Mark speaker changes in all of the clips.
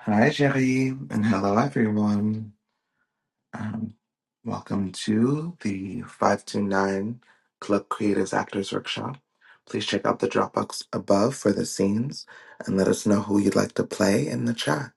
Speaker 1: Hi, Jerry, and hello, everyone. Um, welcome to the 529 Club Creators Actors Workshop. Please check out the Dropbox above for the scenes and let us know who you'd like to play in the chat.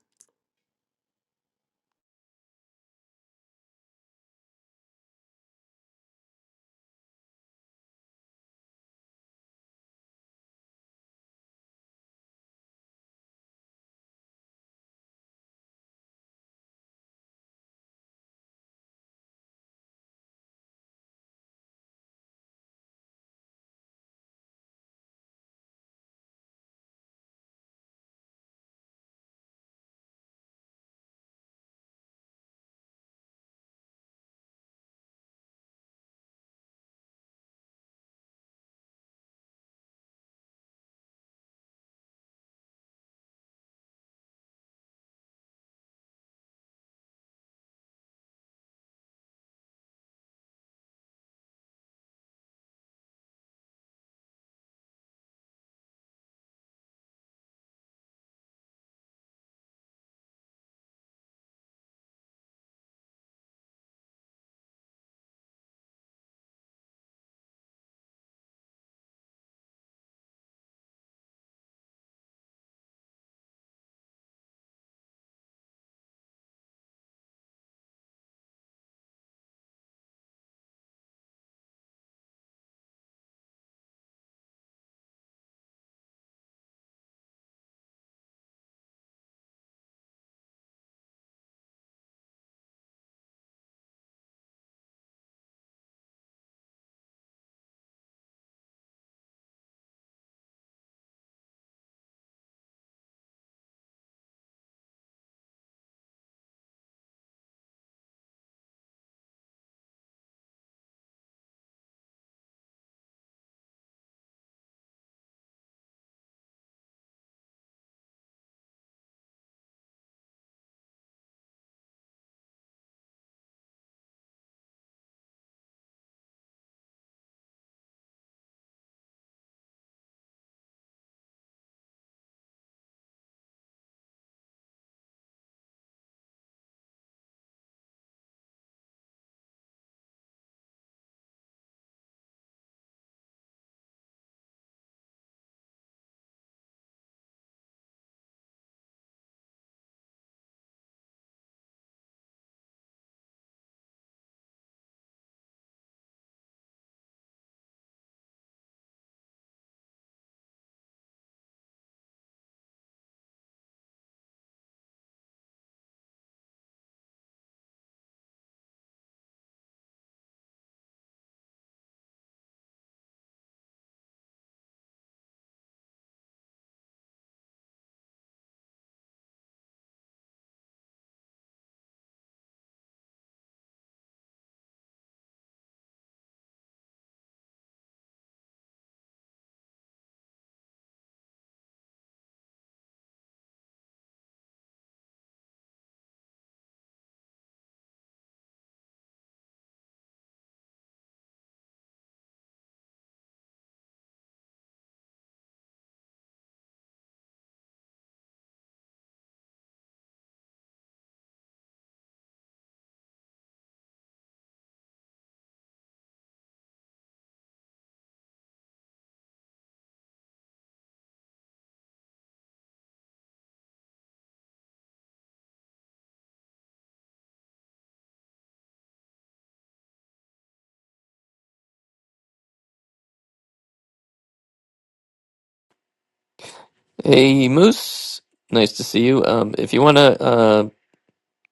Speaker 2: Hey Moose, nice to see you. Um, if you want to uh,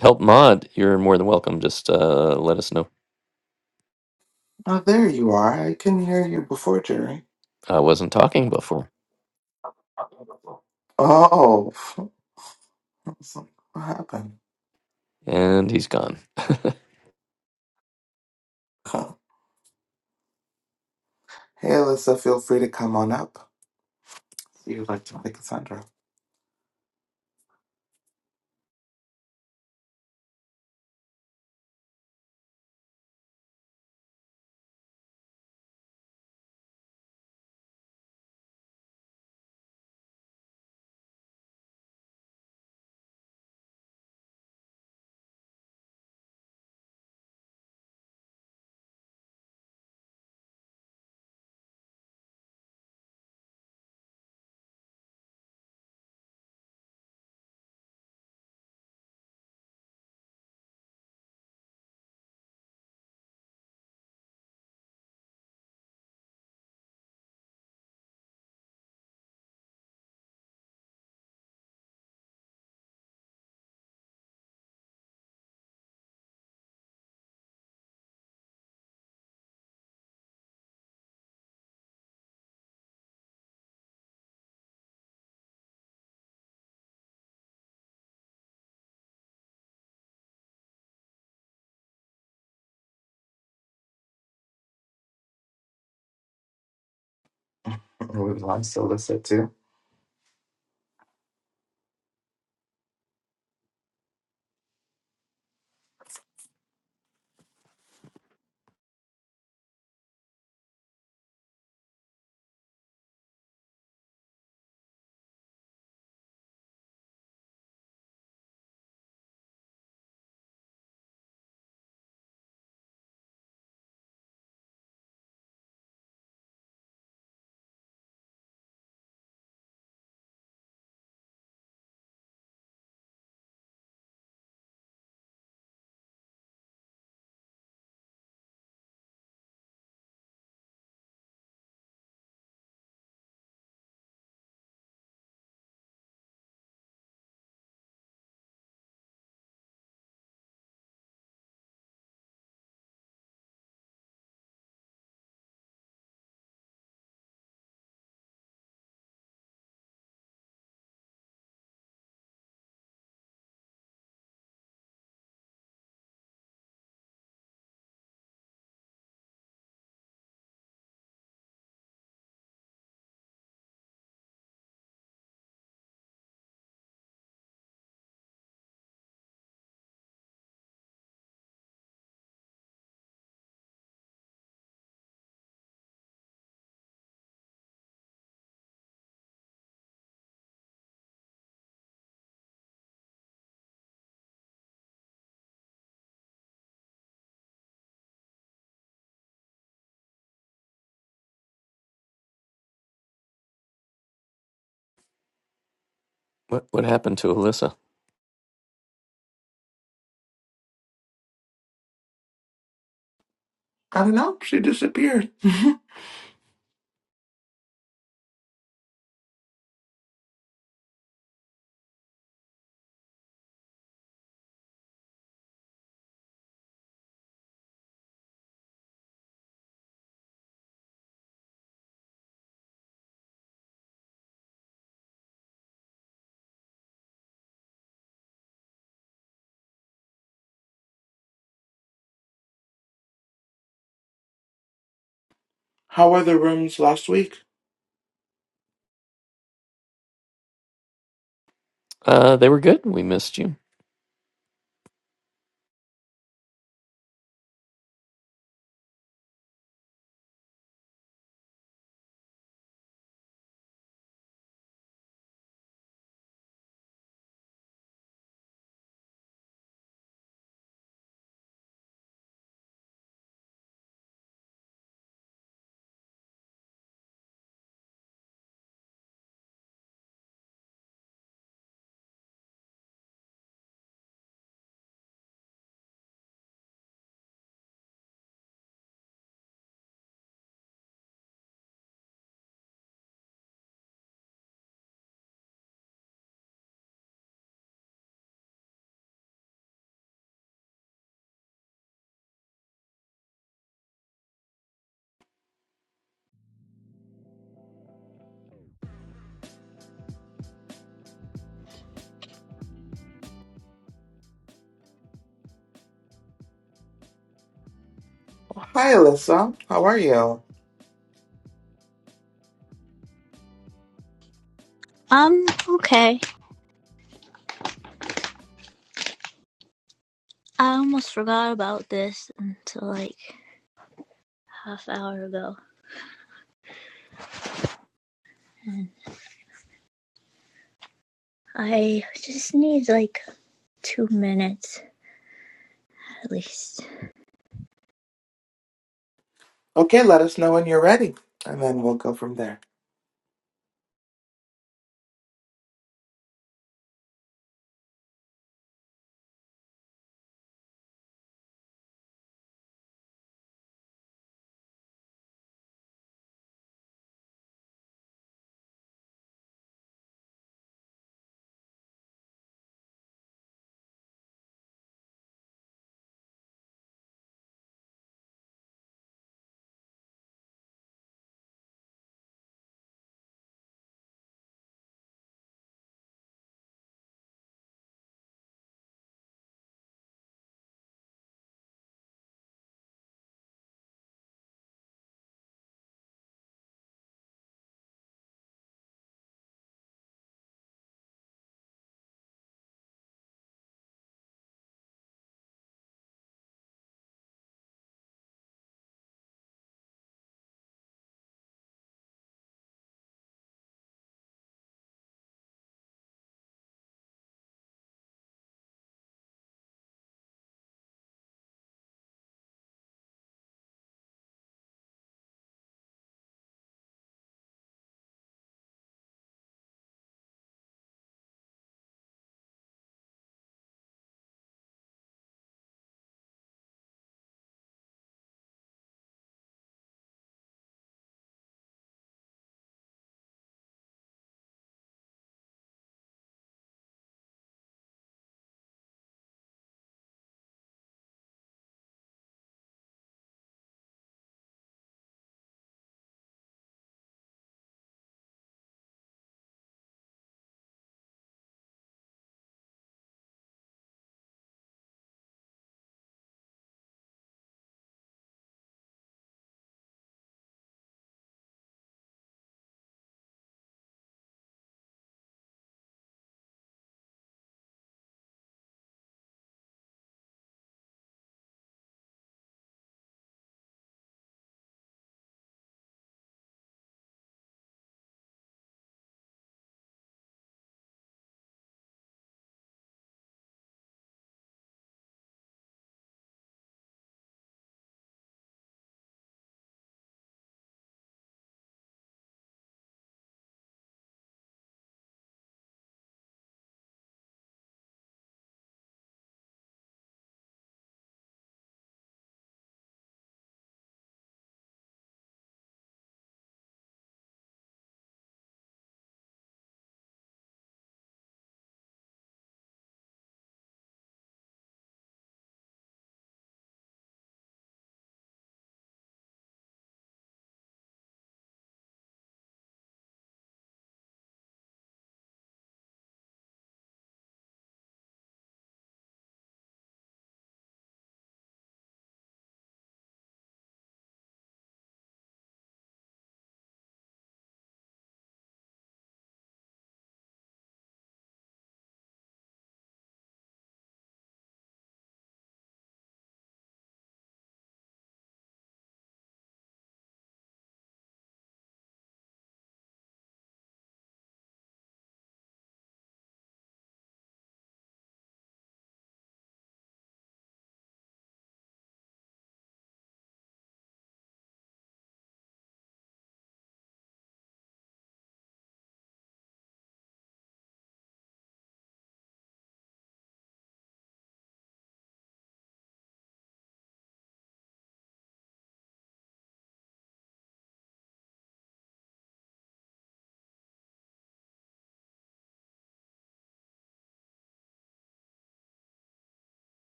Speaker 2: help Mod, you're more than welcome. Just uh, let us know.
Speaker 1: Oh, there you are. I couldn't hear you before, Jerry.
Speaker 2: I wasn't talking before,
Speaker 1: Oh, I was like, what happened?
Speaker 2: and he's gone.
Speaker 1: Huh. Hey, Alyssa, feel free to come on up if you'd like to play Cassandra. Was Lon still listed too?
Speaker 2: What what happened to Alyssa?
Speaker 1: I don't know. She disappeared. How were the rooms last week?
Speaker 2: Uh, they were good. We missed you.
Speaker 1: Oh, hi, Alyssa. How are you?
Speaker 3: Um, okay. I almost forgot about this until like half hour ago. And I just need like two minutes at least.
Speaker 1: Okay, let us know when you're ready, and then we'll go from there.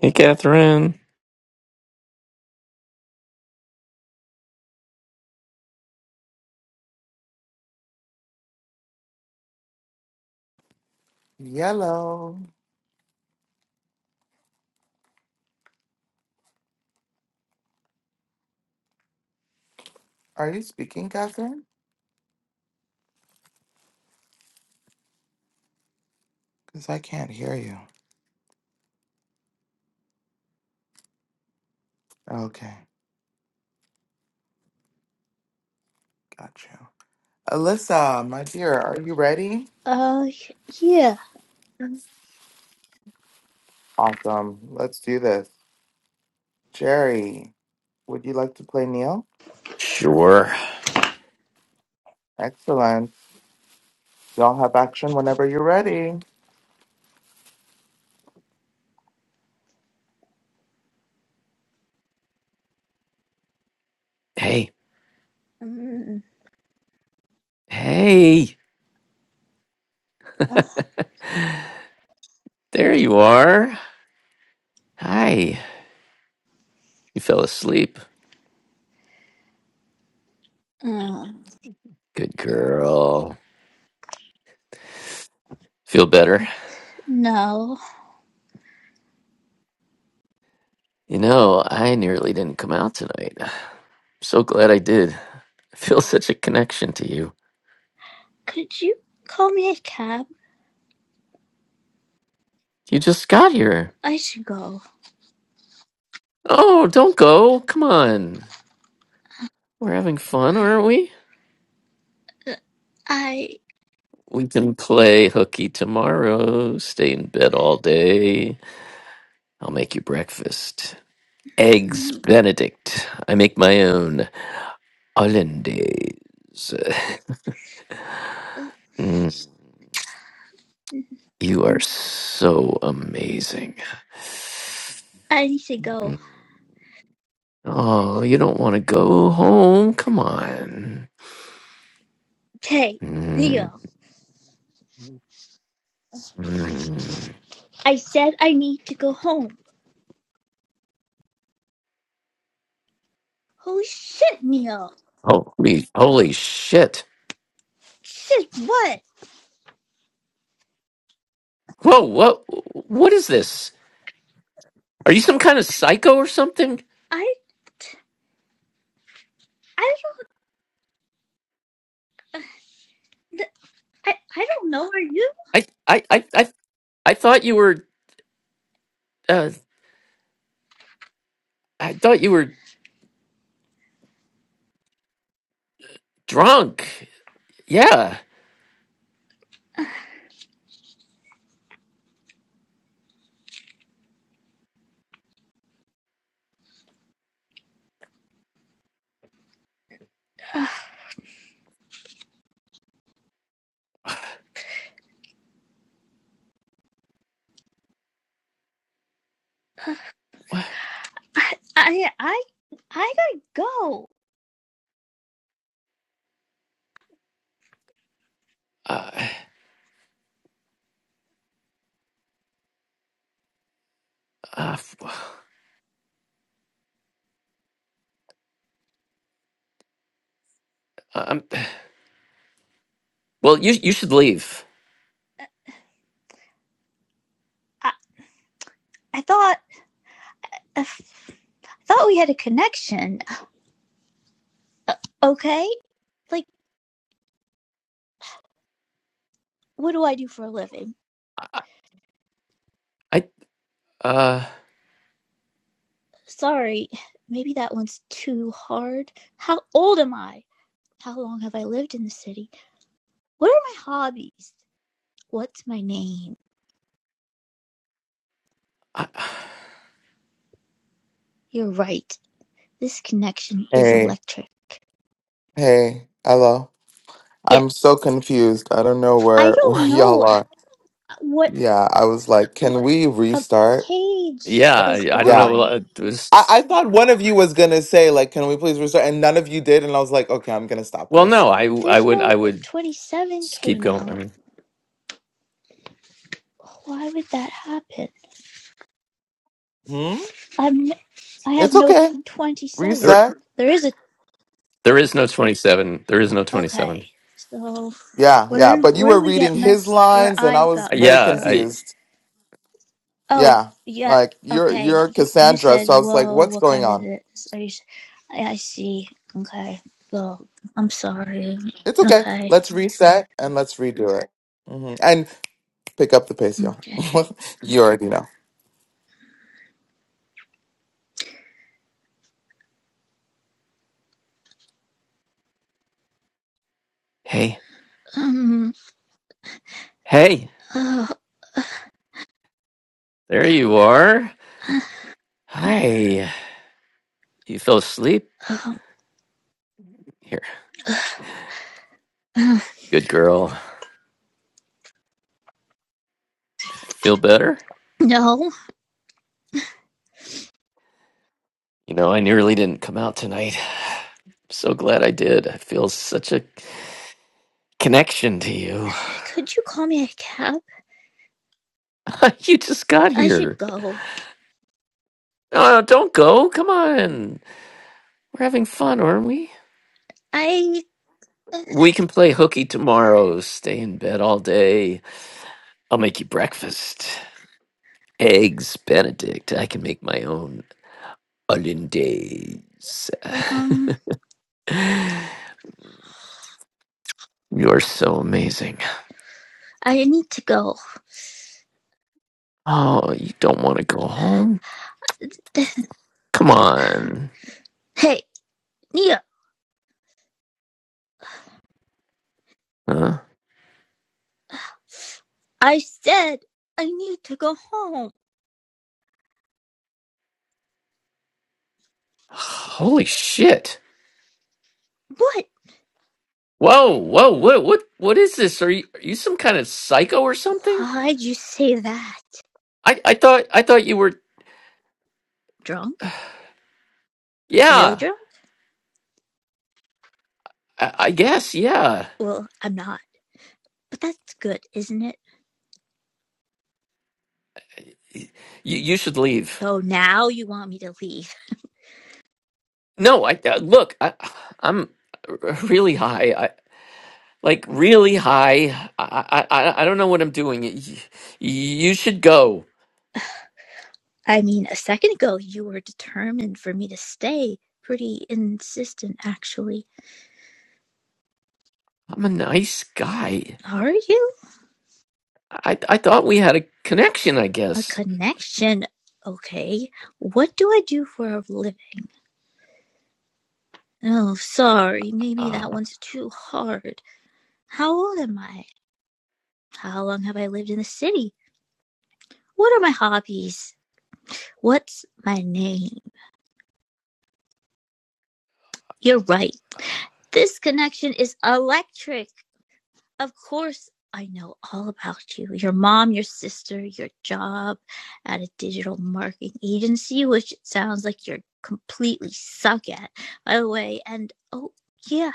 Speaker 2: Hey Catherine.
Speaker 1: Yellow. Are you speaking, Catherine? Because I can't hear you. Okay, got you. Alyssa, my dear, are you ready?
Speaker 3: Uh, yeah.
Speaker 1: Yes. Awesome. Let's do this. Jerry, would you like to play Neil?
Speaker 2: Sure.
Speaker 1: Excellent. Y'all have action whenever you're ready.
Speaker 2: Hey
Speaker 3: Mm,
Speaker 2: hey, there you are. Hi. You fell asleep.
Speaker 3: uh,
Speaker 2: Good girl. Feel better?
Speaker 3: no.
Speaker 2: You know, I nearly didn't come out tonight. So glad I did. I feel such a connection to you.
Speaker 3: Could you call me a cab?
Speaker 2: You just got here.
Speaker 3: I should go.
Speaker 2: Oh, don't go. Come on. We're having fun, aren't we?
Speaker 3: Uh, I.
Speaker 2: We can play hooky tomorrow, stay in bed all day. I'll make you breakfast. Eggs
Speaker 3: mm,
Speaker 2: Benedict. I make my own hollandaise. Mm, You are so amazing.
Speaker 3: I need to go.
Speaker 2: Mm. Oh, you don't want to go home? Come on.
Speaker 3: Hey,
Speaker 2: Mm,
Speaker 3: Neo.
Speaker 2: mm.
Speaker 3: I said I need to go home. Holy shit, Neo.
Speaker 2: Holy, holy shit.
Speaker 3: Shit, what?
Speaker 2: Whoa, what, what is this? Are you some kind of psycho or something?
Speaker 3: I. I don't. I, I don't know. Are you?
Speaker 2: I I I I, I thought you were uh, I thought you were drunk. Yeah. What-
Speaker 3: I I I, I gotta go.
Speaker 2: Uh, uh, uh, um, well, you you should leave.
Speaker 3: I, I thought I thought we had a connection. Okay, like what do I do for a living?
Speaker 2: I, I uh
Speaker 3: Sorry, maybe that one's too hard. How old am I? How long have I lived in the city? What are my hobbies? What's my name?
Speaker 2: I,
Speaker 3: You're right. This connection is
Speaker 1: Hey.
Speaker 3: electric.
Speaker 1: Hey. Hello. I'm
Speaker 3: Yes.
Speaker 1: so confused. I don't know
Speaker 3: I
Speaker 1: where
Speaker 3: don't
Speaker 1: where
Speaker 3: know
Speaker 1: y'all are.
Speaker 3: what
Speaker 1: Yeah, I was like, can we
Speaker 3: a
Speaker 1: restart?
Speaker 3: page
Speaker 2: yeah. I,
Speaker 3: is
Speaker 2: I don't know.
Speaker 1: Yeah.
Speaker 3: gone.
Speaker 2: uh,
Speaker 1: I,
Speaker 2: Just,
Speaker 1: I thought one of you was gonna say, like, can we please restart? And none of you did, and I was like, okay, I'm gonna stop
Speaker 2: well,
Speaker 1: this.
Speaker 2: no. I I
Speaker 3: There's
Speaker 2: would I
Speaker 3: no like,
Speaker 2: would
Speaker 3: 27
Speaker 2: just keep
Speaker 3: came
Speaker 2: going.
Speaker 3: out.
Speaker 2: I mean,
Speaker 3: Why would that happen?
Speaker 1: Hmm?
Speaker 3: I'm I have
Speaker 1: It's
Speaker 3: no
Speaker 1: okay.
Speaker 3: 27.
Speaker 2: there
Speaker 1: Reset.
Speaker 3: There is a
Speaker 2: there is no twenty seven. There is no twenty seven.
Speaker 3: okay. So
Speaker 1: Yeah, yeah.
Speaker 3: where
Speaker 1: But you
Speaker 3: where
Speaker 1: were
Speaker 3: we get
Speaker 1: reading his
Speaker 3: messed where
Speaker 1: lines and
Speaker 3: I
Speaker 1: I was
Speaker 3: got
Speaker 1: very
Speaker 3: messed
Speaker 2: Yeah.
Speaker 3: up.
Speaker 2: I
Speaker 1: confused.
Speaker 3: Oh,
Speaker 1: Yeah.
Speaker 3: yeah.
Speaker 1: Like you're
Speaker 3: Okay,
Speaker 1: you're
Speaker 3: you you
Speaker 1: Cassandra, so
Speaker 3: said
Speaker 1: I was like,
Speaker 3: whoa.
Speaker 1: what's
Speaker 3: What
Speaker 1: going
Speaker 3: kind of
Speaker 1: on?
Speaker 3: this? Are you? s- I, I see. Okay. Well, I'm sorry.
Speaker 1: It's okay.
Speaker 3: Okay.
Speaker 1: Let's reset and let's redo it. hmm And pick up the pace, y'all.
Speaker 3: Okay.
Speaker 1: you already know.
Speaker 2: hey
Speaker 3: Um.
Speaker 2: hey.
Speaker 3: Uh,
Speaker 2: There you are. Hi. You fell asleep.
Speaker 3: um,
Speaker 2: Here.
Speaker 3: uh,
Speaker 2: Good girl. Feel better?
Speaker 3: no.
Speaker 2: You know, I nearly didn't come out tonight. I'm So glad I did. I feel such a connection to you.
Speaker 3: Could you call me a cab?
Speaker 2: you just got
Speaker 3: I should
Speaker 2: here.
Speaker 3: go.
Speaker 2: No, don't go. Come on. We're having fun, aren't we?
Speaker 3: I
Speaker 2: We can play hooky tomorrow. Stay in bed all day. I'll make you breakfast. Eggs Benedict. I can make my own hollandaise.
Speaker 3: um
Speaker 2: You're so amazing.
Speaker 3: I need to go.
Speaker 2: Oh, you don't want to go home? Come on.
Speaker 3: Hey, Nia,
Speaker 2: Huh?
Speaker 3: I said I need to go home.
Speaker 2: Holy shit.
Speaker 3: What?
Speaker 2: Whoa, whoa, what what what is this? Are you are you some kind of psycho or something?
Speaker 3: Why'd you say that?
Speaker 2: I, I thought I thought you were
Speaker 3: Drunk? Really
Speaker 2: yeah.
Speaker 3: drunk?
Speaker 2: I, I guess, yeah.
Speaker 3: Well, I'm not. But that's good, isn't it?
Speaker 2: You you should leave.
Speaker 3: Oh, now you want me to leave.
Speaker 2: No, I uh, look, I I'm really high. I like really high. I I I I don't know what I'm doing. You, you should go.
Speaker 3: I mean, a second ago you were determined for me to stay. Pretty insistent, actually.
Speaker 2: I'm a nice guy.
Speaker 3: Are you?
Speaker 2: I I thought we had a connection, I
Speaker 3: A
Speaker 2: guess.
Speaker 3: connection? Okay. What do I do for a living? Oh, sorry. Maybe that
Speaker 2: Uh
Speaker 3: one's too hard. How old am I? How long have I lived in the city? What are my hobbies? What's my name? You're right. This connection is electric. Of course, I know all about you your mom, your sister, your job at a digital marketing agency, which it sounds like you're completely suck at, by the way. And oh, yeah,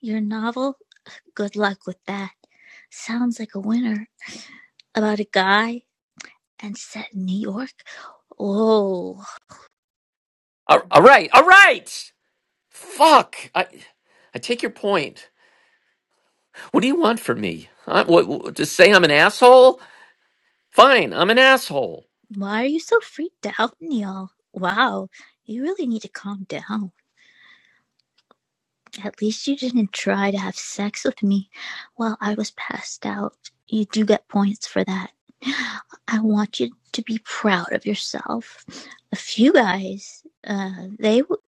Speaker 3: your novel. Good luck with that. Sounds like a winner. about a guy and set in New York. Oh,
Speaker 2: all all right, all right. Fuck! I I take your point. What do you want from me? I, what, what, to say I'm an asshole? Fine, I'm an asshole.
Speaker 3: why are you so freaked out, Neil? Wow, you really need to calm down. At least you didn't try to have sex with me while I was passed out. You do get points for that. I want you to be proud of yourself. A few guys, uh, they w-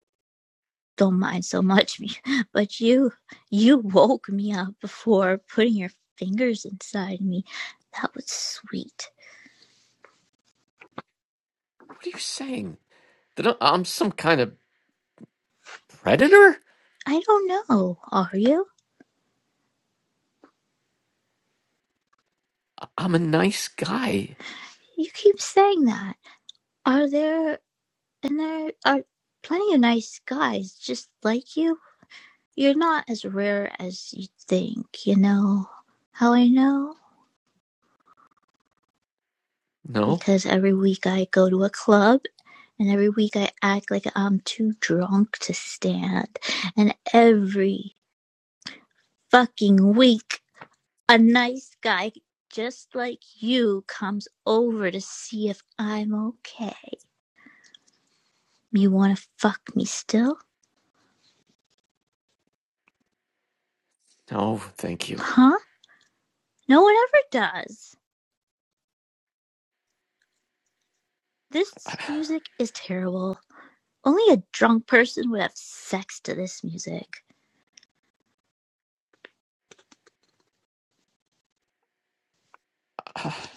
Speaker 3: don't mind so much me, but you, you woke me up before putting your fingers inside me. That was sweet.
Speaker 2: What are you saying? That I- I'm some kind of predator?
Speaker 3: I don't know. Are you?
Speaker 2: I'm a nice guy.
Speaker 3: You keep saying that. Are there and there are plenty of nice guys just like you. You're not as rare as you think, you know. How I know?
Speaker 2: No,
Speaker 3: Because every week I go to a club and every week I act like I'm too drunk to stand. And every fucking week a nice guy just like you comes over to see if I'm okay. You want to fuck me still?
Speaker 2: no, thank you.
Speaker 3: Huh? No one ever does. This music is terrible. Only a drunk person would have sex to this music.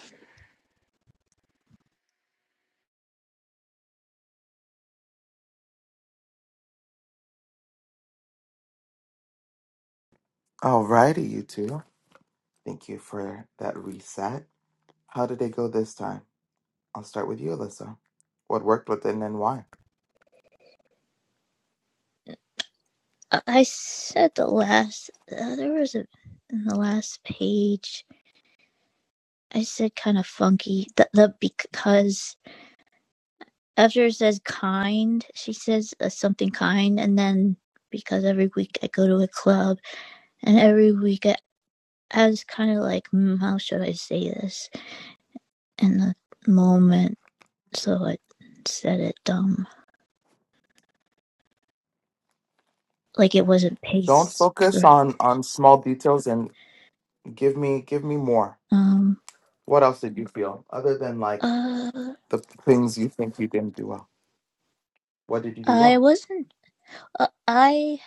Speaker 1: All righty, you two. Thank you for that reset. How did it go this time? I'll start with you, Alyssa. What worked with it and why?
Speaker 3: I, I said the last, uh, there was a, in the last page, I said kind of funky. The, the because after it says kind, she says uh, something kind, and then because every week I go to a club, and every week I, I was kind of like, mm, how should I say this in the moment? so I said it dumb. Like it wasn't
Speaker 1: Don't
Speaker 3: paced
Speaker 1: focus
Speaker 3: correct.
Speaker 1: on on small details and give me give me more.
Speaker 3: Um,
Speaker 1: What else did you feel other than like
Speaker 3: uh,
Speaker 1: the things you think you didn't do well? What did you do
Speaker 3: I
Speaker 1: well?
Speaker 3: wasn't. Uh, I,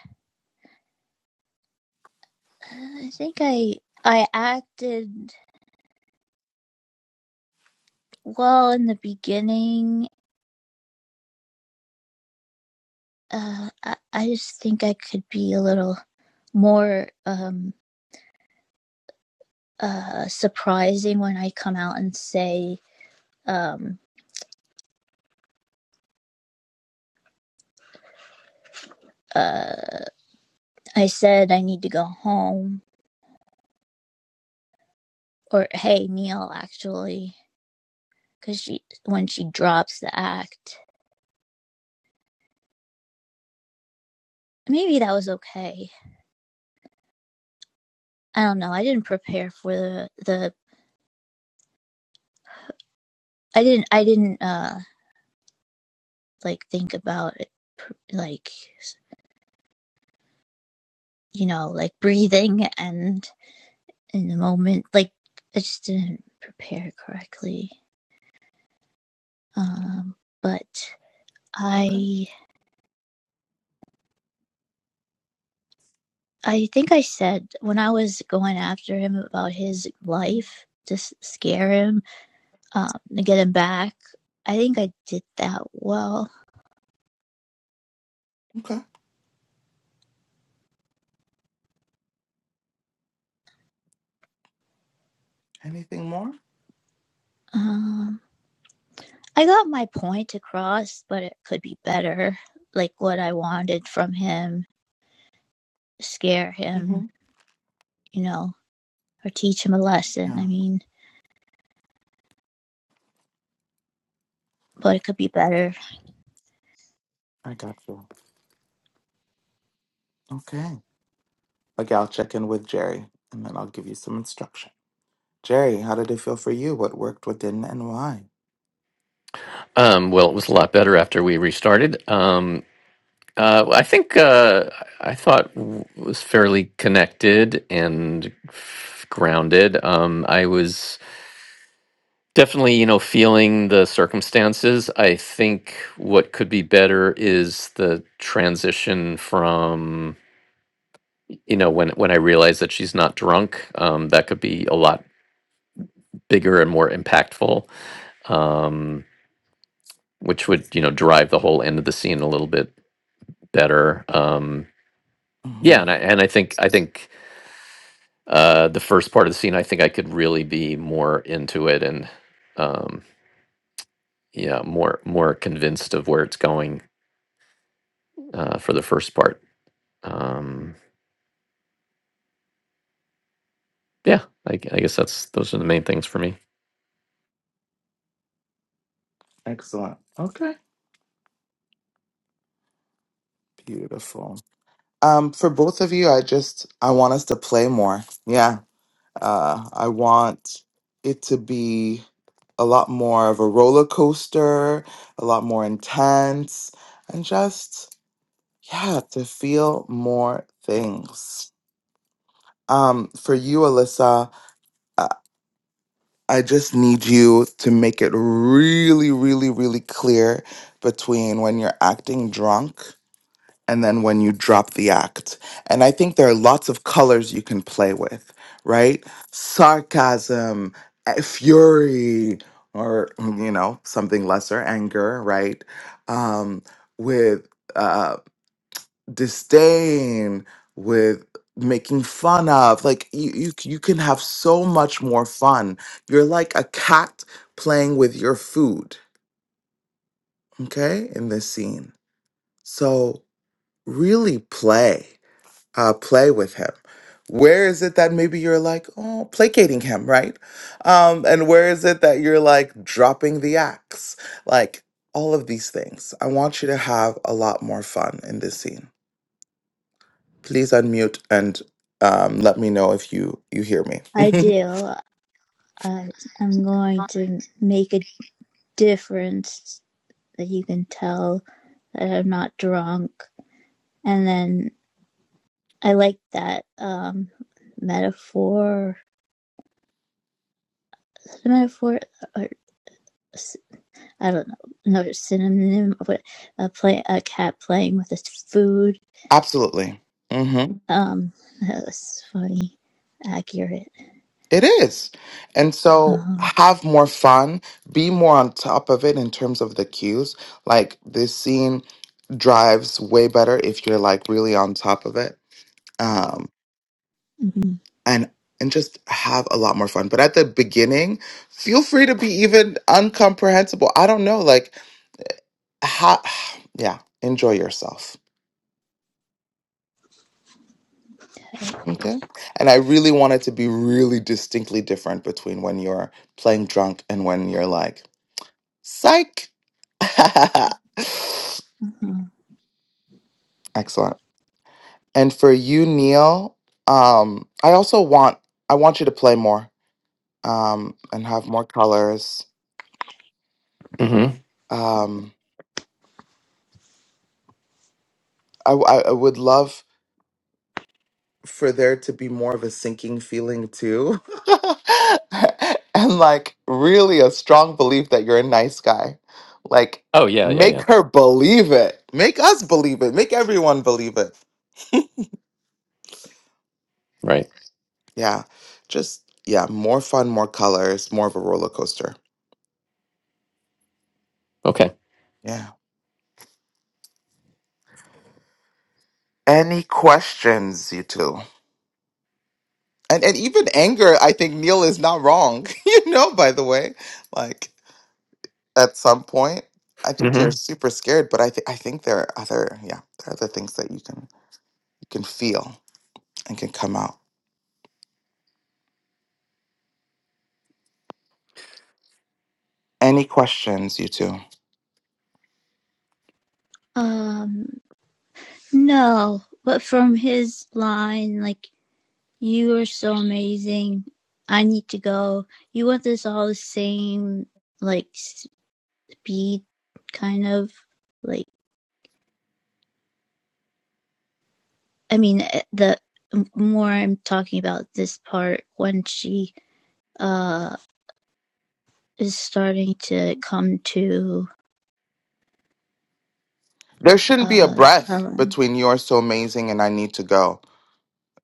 Speaker 3: uh, I think I I acted well in the beginning. Uh, I, I just think I could be a little more um uh surprising when I come out and say um uh I said I need to go home or hey Neil actually because she when she drops the act maybe that was okay. I don't know. I didn't prepare for the the I didn't I didn't uh like think about it, like you know like breathing and in the moment like I just didn't prepare correctly. Um but
Speaker 1: Okay.
Speaker 3: I I think I said when I was going after him about his
Speaker 1: Mm.
Speaker 3: life to scare him um to get him back. I think I did that well.
Speaker 1: Okay. Anything more?
Speaker 3: Um, I got my point across, but it could be better. Like what I wanted from him, scare him,
Speaker 1: Mm-hmm.
Speaker 3: you know, or teach him a lesson. I
Speaker 1: Yeah.
Speaker 3: mean, but it could be better.
Speaker 1: I got you. Okay. Okay, I'll check in with Jerry and then I'll give you some instruction. Jerry, how did it feel for you? What worked, what didn't, and why?
Speaker 2: Um, well, it was a lot better after we restarted. Um, uh, I think uh, I thought w- was fairly connected and f- grounded. Um, I was. Definitely, you know, feeling the circumstances. I think what could be better is the transition from, you know, when when I realize that she's not drunk, um, that could be a lot bigger and more impactful, um, which would, you know, drive the whole end of the scene a little bit better. Um, yeah,
Speaker 1: hmm
Speaker 2: and I and I think I think uh, the first part of the scene, I think I could really be more into it and, um, yeah, more more convinced of where it's going uh, for the first part. Um, yeah, I, g- I guess that's those are the main things for me.
Speaker 1: Excellent. Okay. Beautiful. Um, for both of you, I just I want us to play more. Yeah. Uh, I want it to be a lot more of a roller coaster, a lot more intense, and just Yeah, to feel more things. Um, for you, Alyssa, I, I just need you to make it really, really, really clear between when you're acting drunk and then when you drop the act. And I think there are lots of colors you can play with, right? Sarcasm, eh, fury, or, mm, you know, something lesser, anger, right? Um, with uh, disdain with making fun of like you, you c- you can have so much more fun you're like a cat playing with your food okay in this scene so really play uh play with him where is it that maybe you're like oh placating him right um and where is it that you're like dropping the axe like all of these things i want you to have a lot more fun in this scene Please unmute and um, let me know if you you hear
Speaker 3: I
Speaker 1: me.
Speaker 3: do. I, I'm going to make a difference that you can tell that I'm not drunk. And then I like that um, metaphor. The metaphor, or, s- I don't know, no synonym, but a a, play a cat playing with its food
Speaker 1: Absolutely. hmm
Speaker 3: Um, that was funny, accurate.
Speaker 1: It is. And so
Speaker 3: Uh-huh.
Speaker 1: have more fun, be more on top of it in terms of the cues. Like this scene drives way better if you're like really on top of it. Um
Speaker 3: Mhm.
Speaker 1: and and just have a lot more fun. But at the beginning, feel free to be even uncomprehensible. I don't know, like ha yeah, enjoy yourself. Okay. And I really want it to be really distinctly different between when you're playing drunk and when you're like, psych.
Speaker 3: Uh-huh.
Speaker 1: Excellent. And for you, Neil, um, I also want I want you to play more um, and have more colors.
Speaker 2: hmm
Speaker 1: Um, I, w- I I would love. for there to be more of a sinking feeling too. and like really a strong belief that you're a nice guy. Like
Speaker 2: Oh yeah, yeah,
Speaker 1: make
Speaker 2: yeah.
Speaker 1: her believe it. Make us believe it. Make everyone believe it.
Speaker 2: Right.
Speaker 1: Yeah. Just yeah, more fun, more colors, more of a roller coaster.
Speaker 2: Okay.
Speaker 1: Yeah. Any questions, you two? And and even anger, I think Neil is not wrong, you know, by the way. Like at some point. I think
Speaker 2: hmm
Speaker 1: you're super scared, but I think I think there are other yeah, there are other things that you can you can feel and can come out. Any questions, you two?
Speaker 3: Um, no, but from his line, like, you are so amazing. I need to go. You want this all the same, like, speed, kind of. Like, I mean, eh, the more I'm talking about this part, when she, uh, is starting to come to,
Speaker 1: There shouldn't be a
Speaker 3: uh, tell
Speaker 1: breath
Speaker 3: him.
Speaker 1: between you're so amazing and I need to go.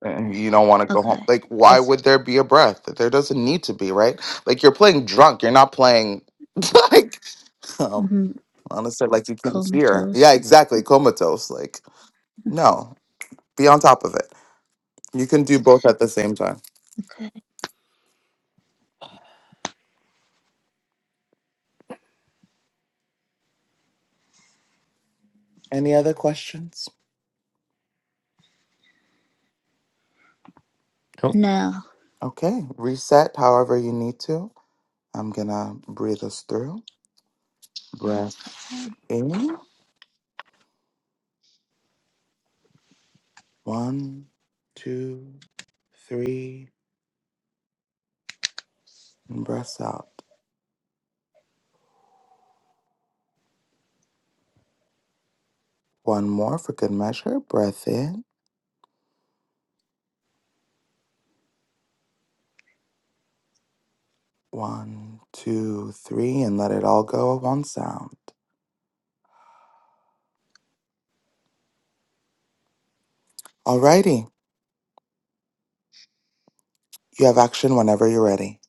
Speaker 1: And you don't want to go home.
Speaker 3: Okay.
Speaker 1: Like, why
Speaker 3: This,
Speaker 1: would there be a breath? There doesn't need to be, right? Like you're playing drunk. You're not playing like um
Speaker 3: mm-hmm.
Speaker 1: honestly, like you can't hear. Yeah,
Speaker 3: comatose.
Speaker 1: exactly. Comatose. Like, no. Be on top of it. You can do both at the same time.
Speaker 3: Okay.
Speaker 1: Any other questions?
Speaker 2: Cool.
Speaker 3: Now.
Speaker 1: Okay, reset however you need to. I'm gonna breathe us through. Breath in, one, two, three, and breath out. One more for good measure. Breath in, one, two, three, and let it all go at one sound. Alrighty, you have action whenever you're ready.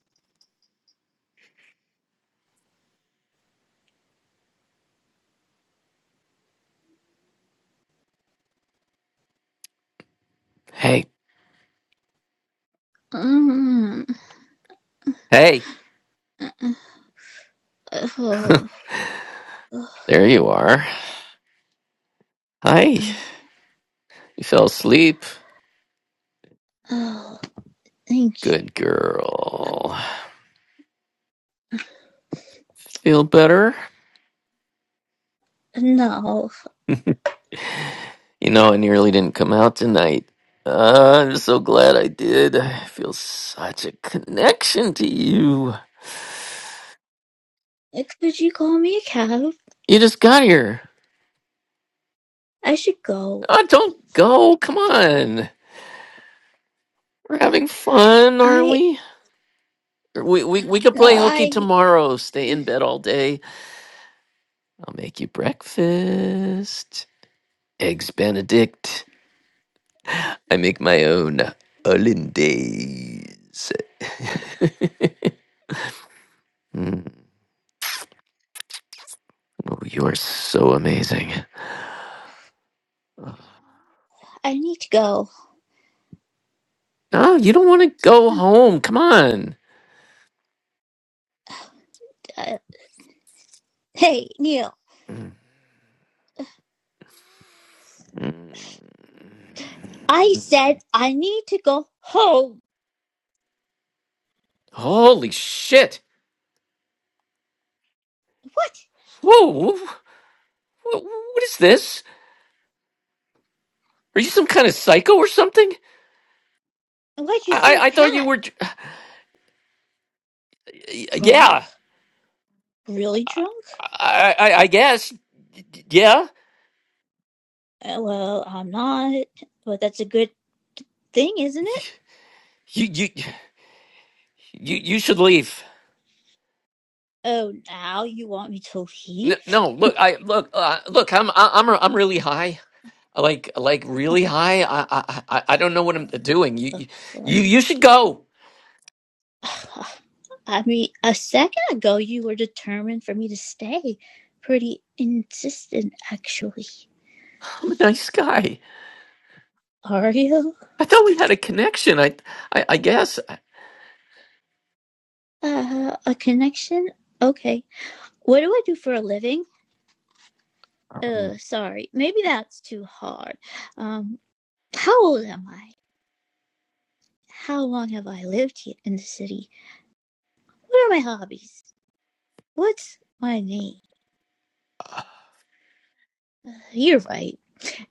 Speaker 2: Hey,
Speaker 3: Mm,
Speaker 2: hey,
Speaker 3: oh, oh,
Speaker 2: there you are. Hi,
Speaker 3: oh,
Speaker 2: you fell asleep.
Speaker 3: oh, thank you.
Speaker 2: Good girl. Feel better?
Speaker 3: No.
Speaker 2: You know, I nearly didn't come out tonight. Uh, I'm so glad I did. I feel such a connection to you.
Speaker 3: Could you call me a cab?
Speaker 2: You just got here.
Speaker 3: I should go.
Speaker 2: Uh, don't go. Come on. We're having fun, aren't
Speaker 3: I.
Speaker 2: we? We we we could play hooky
Speaker 3: I.
Speaker 2: tomorrow. Stay in bed all day. I'll make you breakfast. Eggs Benedict. I make my own hollandaise. Mm, oh, you are so amazing. Ugh.
Speaker 3: I need to go.
Speaker 2: No, you don't want to go home. Come on.
Speaker 3: Uh, hey, Neil.
Speaker 2: Mm, mm.
Speaker 3: I said I need to go home.
Speaker 2: Holy shit!
Speaker 3: What?
Speaker 2: Whoa! wh- wh- What is this? Are you some kind of psycho or something?
Speaker 3: Why'd you
Speaker 2: I
Speaker 3: say
Speaker 2: I, I thought you
Speaker 3: that?
Speaker 2: were. j-
Speaker 3: Drunk?
Speaker 2: Yeah.
Speaker 3: Really drunk?
Speaker 2: I, I, I guess. Yeah.
Speaker 3: Uh, well, I'm not. But that's a good thing, isn't
Speaker 2: You,
Speaker 3: it?
Speaker 2: you, you, you should leave.
Speaker 3: Oh, now you want me to
Speaker 2: No,
Speaker 3: leave?
Speaker 2: no. Look, I look, uh, look. I'm, I- I'm, I'm really high. Like, like really high. I, I, I I don't know what I'm doing. You,
Speaker 3: Oh,
Speaker 2: you, you you should go.
Speaker 3: I mean, a second ago you were determined for me to stay. Pretty insistent, actually.
Speaker 2: I'm a nice guy.
Speaker 3: Are you?
Speaker 2: I thought we had a connection. I, I, I guess.
Speaker 3: Uh, a connection? Okay. What do I do for a living?
Speaker 2: All
Speaker 3: Uh, sorry. Maybe that's too hard. Um, how old am I? How long have I lived here in the city? What are my hobbies? What's my name? You're right.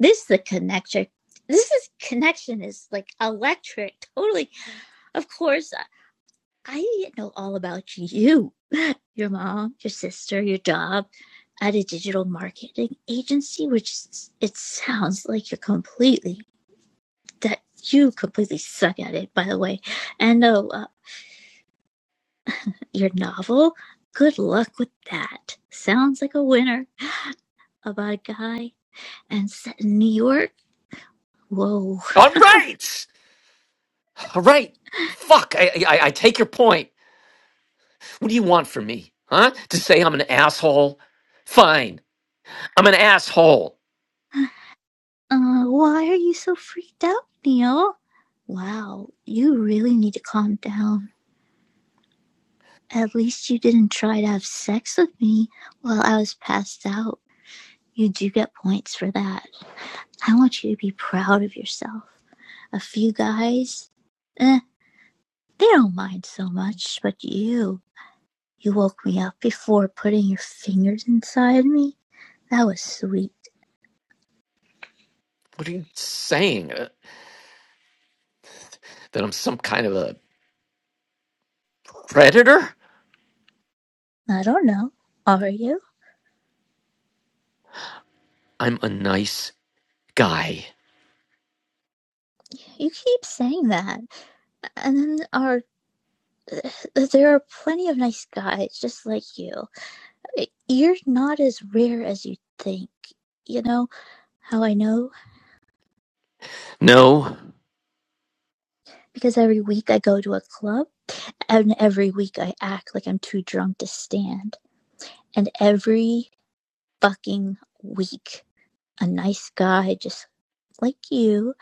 Speaker 3: This is the connection. This is connection is like electric. Totally. Of course, I didn't know all about you, your mom, your sister, your job at a digital marketing agency, which it sounds like you're completely that you completely suck at it, by the way. And oh, uh, your novel, good luck with that. Sounds like a winner about a guy and set in New York. Whoa.
Speaker 2: right. All right. Fuck. I, I, I take your point. What do you want from me? Huh? To say I'm an asshole? Fine. I'm an asshole.
Speaker 3: Uh, why are you so freaked out, Neil? Wow, you really need to calm down. At least you didn't try to have sex with me while I was passed out. You do get points for that. I want you to be proud of yourself. A few guys, eh, they don't mind so much, but you, you woke me up before putting your fingers inside me. That was sweet.
Speaker 2: What are you saying? Uh, that I'm some kind of a predator?
Speaker 3: I don't know. Are you?
Speaker 2: I'm a nice guy.
Speaker 3: You keep saying that. And then are there are plenty of nice guys just like you. it- you're not as rare as you think. You know how I know?
Speaker 2: No,
Speaker 3: Because every week I go to a club, and every week I act like I'm too drunk to stand. And every fucking week, a nice guy just like you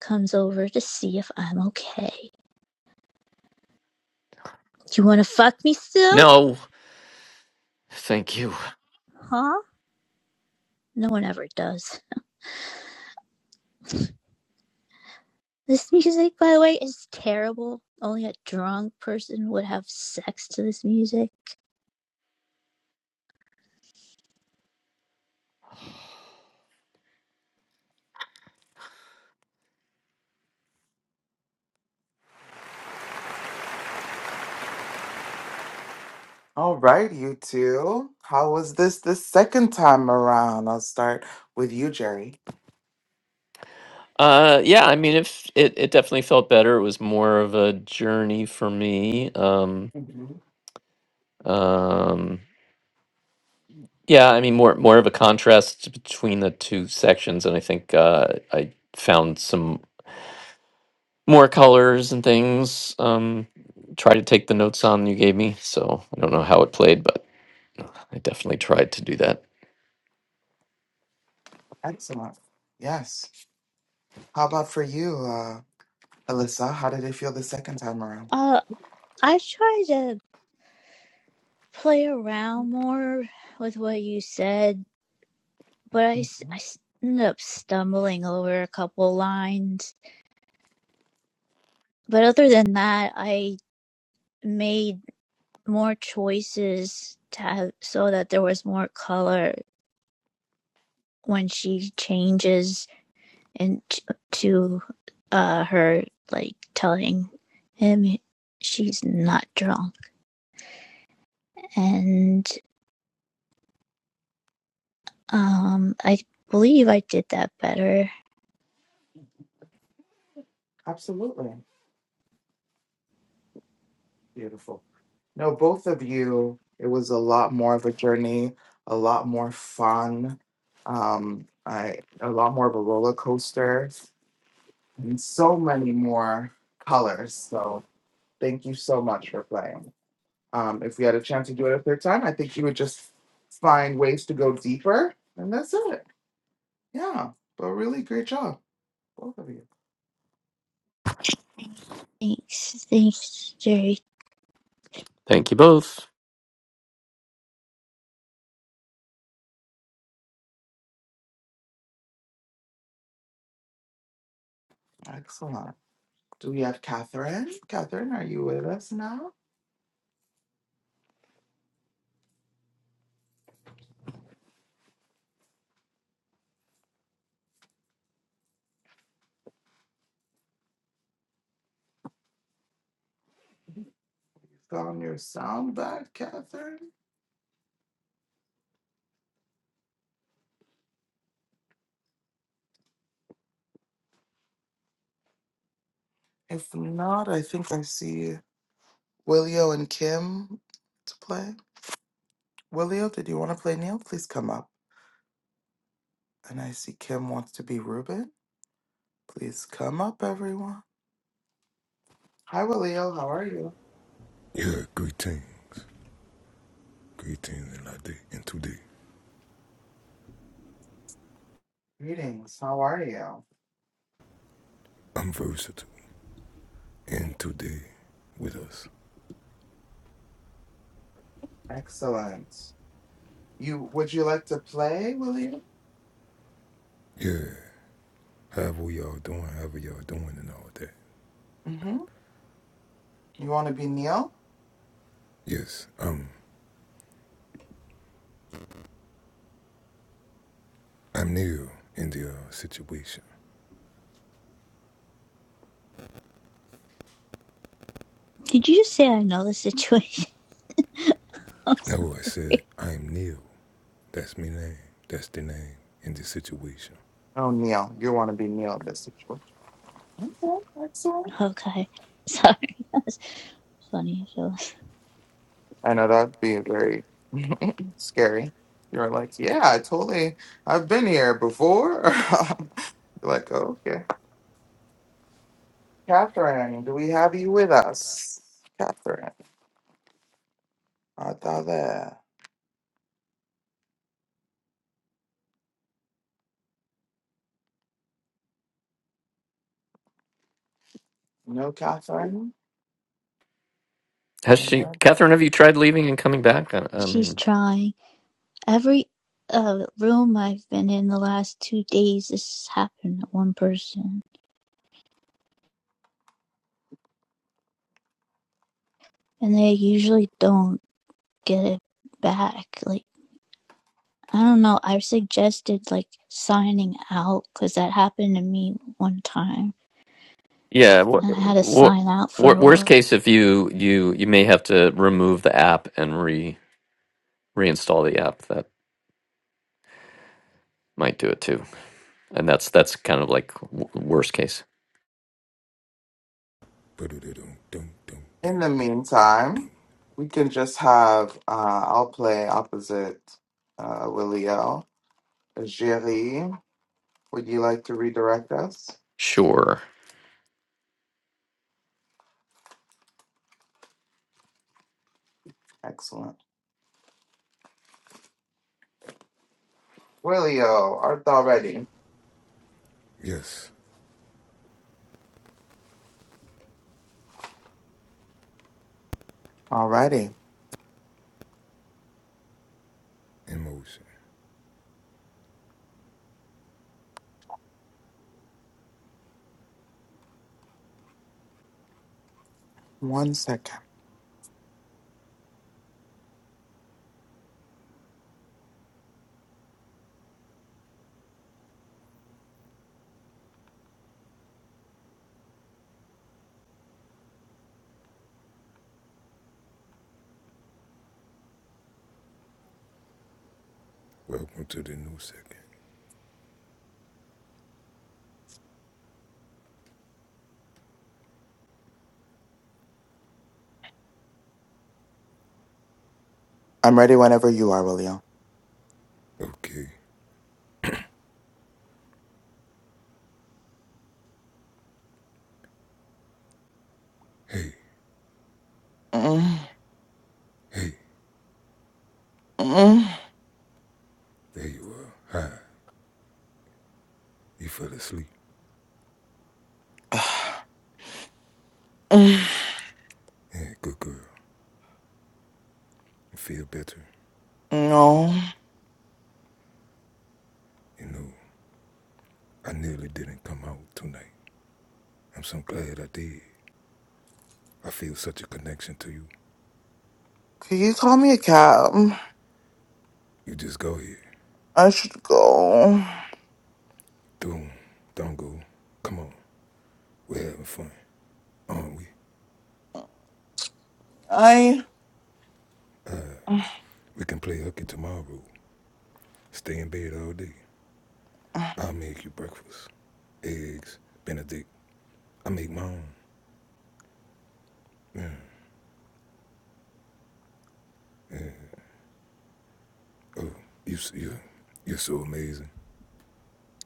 Speaker 3: comes over to see if I'm okay. Do you want to fuck me still?
Speaker 2: no, thank you.
Speaker 3: Huh? No one ever does. This music, by the way, is terrible. Only a drunk person would have sex to this music.
Speaker 1: All right, you two. How was this the second time around? I'll start with you, Jerry.
Speaker 2: Uh, yeah, I mean, if it, it definitely felt better. It was more of a journey for me. Um,
Speaker 1: Mhm.
Speaker 2: um, yeah, I mean, more more of a contrast between the two sections, and I think uh, I found some more colors and things. Um, try to take the notes on you gave me, so I don't know how it played, but I definitely tried to do that.
Speaker 1: Excellent. Yes. How about for you? uh, Alyssa, how did it feel the second time around?
Speaker 3: Uh, I've tried to play around more with what you said, but I I
Speaker 1: Mm,
Speaker 3: ended up stumbling over a couple lines. But other than that, I made more choices to have so that there was more color when she changes into to uh, her like telling him she's not drunk, and um, I believe I did that better.
Speaker 1: Absolutely. Beautiful. No, both of you, it was a lot more of a journey, a lot more fun, um, I, a lot more of a roller coaster, and so many more colors. So thank you so much for playing. Um, if we had a chance to do it a third time, I think you would just find ways to go deeper, and that's it. Yeah, but really great job, both of you.
Speaker 3: Thanks, thanks, Jerry.
Speaker 2: Thank you both.
Speaker 1: Excellent. Do we have Catherine? Catherine, are you with us now? You found your sound back, Catherine? If not, I think I see Willio and Kim to play. Willio, did you want to play Neil? Please come up. And I see Kim wants to be Ruben. Please come up, everyone. Hi, Willio. How are you?
Speaker 4: Yeah, greetings. Greetings in that day, in today.
Speaker 1: Greetings. How are you?
Speaker 4: I'm versatile. And today with us.
Speaker 1: Excellent. You would you like to play, Willio?
Speaker 4: Yeah. However y'all doing, however y'all doing and all that.
Speaker 1: Mm-hmm. You want to be Neil?
Speaker 4: Yes, um, I'm Neil in the uh, situation.
Speaker 3: Did you just say I know the situation? I'm
Speaker 4: No, I said
Speaker 3: sorry.
Speaker 4: I am Neil. That's me name. That's the name in the situation.
Speaker 1: Oh, Neil. You want to be Neil this situation. Okay, Excellent.
Speaker 3: Okay. Sorry. That's funny. So
Speaker 1: I know that'd be very scary. You're like, yeah, I totally. I've been here before. You're like, okay, Catherine, do we have you with us? Catherine, are thou there? No, Catherine.
Speaker 2: Has she,
Speaker 1: In
Speaker 2: Catherine? Have you tried leaving and coming back? I, I
Speaker 3: she's
Speaker 2: mean,
Speaker 3: trying. Every uh, room I've been in the last two days, this has happened to one person. And they usually don't get it back. Like, I don't know. I've suggested, like, signing out because that happened to me one time.
Speaker 2: yeah. What,
Speaker 3: And I had to
Speaker 2: what,
Speaker 3: sign out for a
Speaker 2: worst
Speaker 3: while.
Speaker 2: case, if you you you may have to remove the app and re reinstall the app. That might do it too. And that's that's kind of like w- worst case.
Speaker 4: But it don't don't don't don't
Speaker 1: the
Speaker 4: don't don't
Speaker 1: meantime,
Speaker 4: don't.
Speaker 1: we can just have. Uh, I'll play opposite uh, Willie O. Jerry, would you like to redirect us?
Speaker 2: Sure.
Speaker 1: Excellent. Willie O, art thou ready?
Speaker 4: Yes,
Speaker 1: Alrighty.
Speaker 4: in motion.
Speaker 1: One second.
Speaker 4: Welcome to the new second.
Speaker 1: I'm ready whenever you are, William.
Speaker 4: Okay. Hey,
Speaker 1: Mm,
Speaker 4: hey,
Speaker 1: mm,
Speaker 4: there you are. Hi. You fell asleep.
Speaker 1: mm,
Speaker 4: Yeah, good girl. You feel better?
Speaker 1: No.
Speaker 4: You know, I nearly didn't come out tonight. I'm so glad I did. I feel such a connection to you.
Speaker 1: Can you call me a cab?
Speaker 4: You just go here.
Speaker 1: I should go.
Speaker 4: Don't, don't go. Come on. We're having fun, aren't we?
Speaker 1: I
Speaker 4: We can play hooky tomorrow. Stay in bed all day. I'll make you breakfast. Eggs, Benedict. I make my own. Yeah, yeah. Oh, you, s- you, you're so amazing.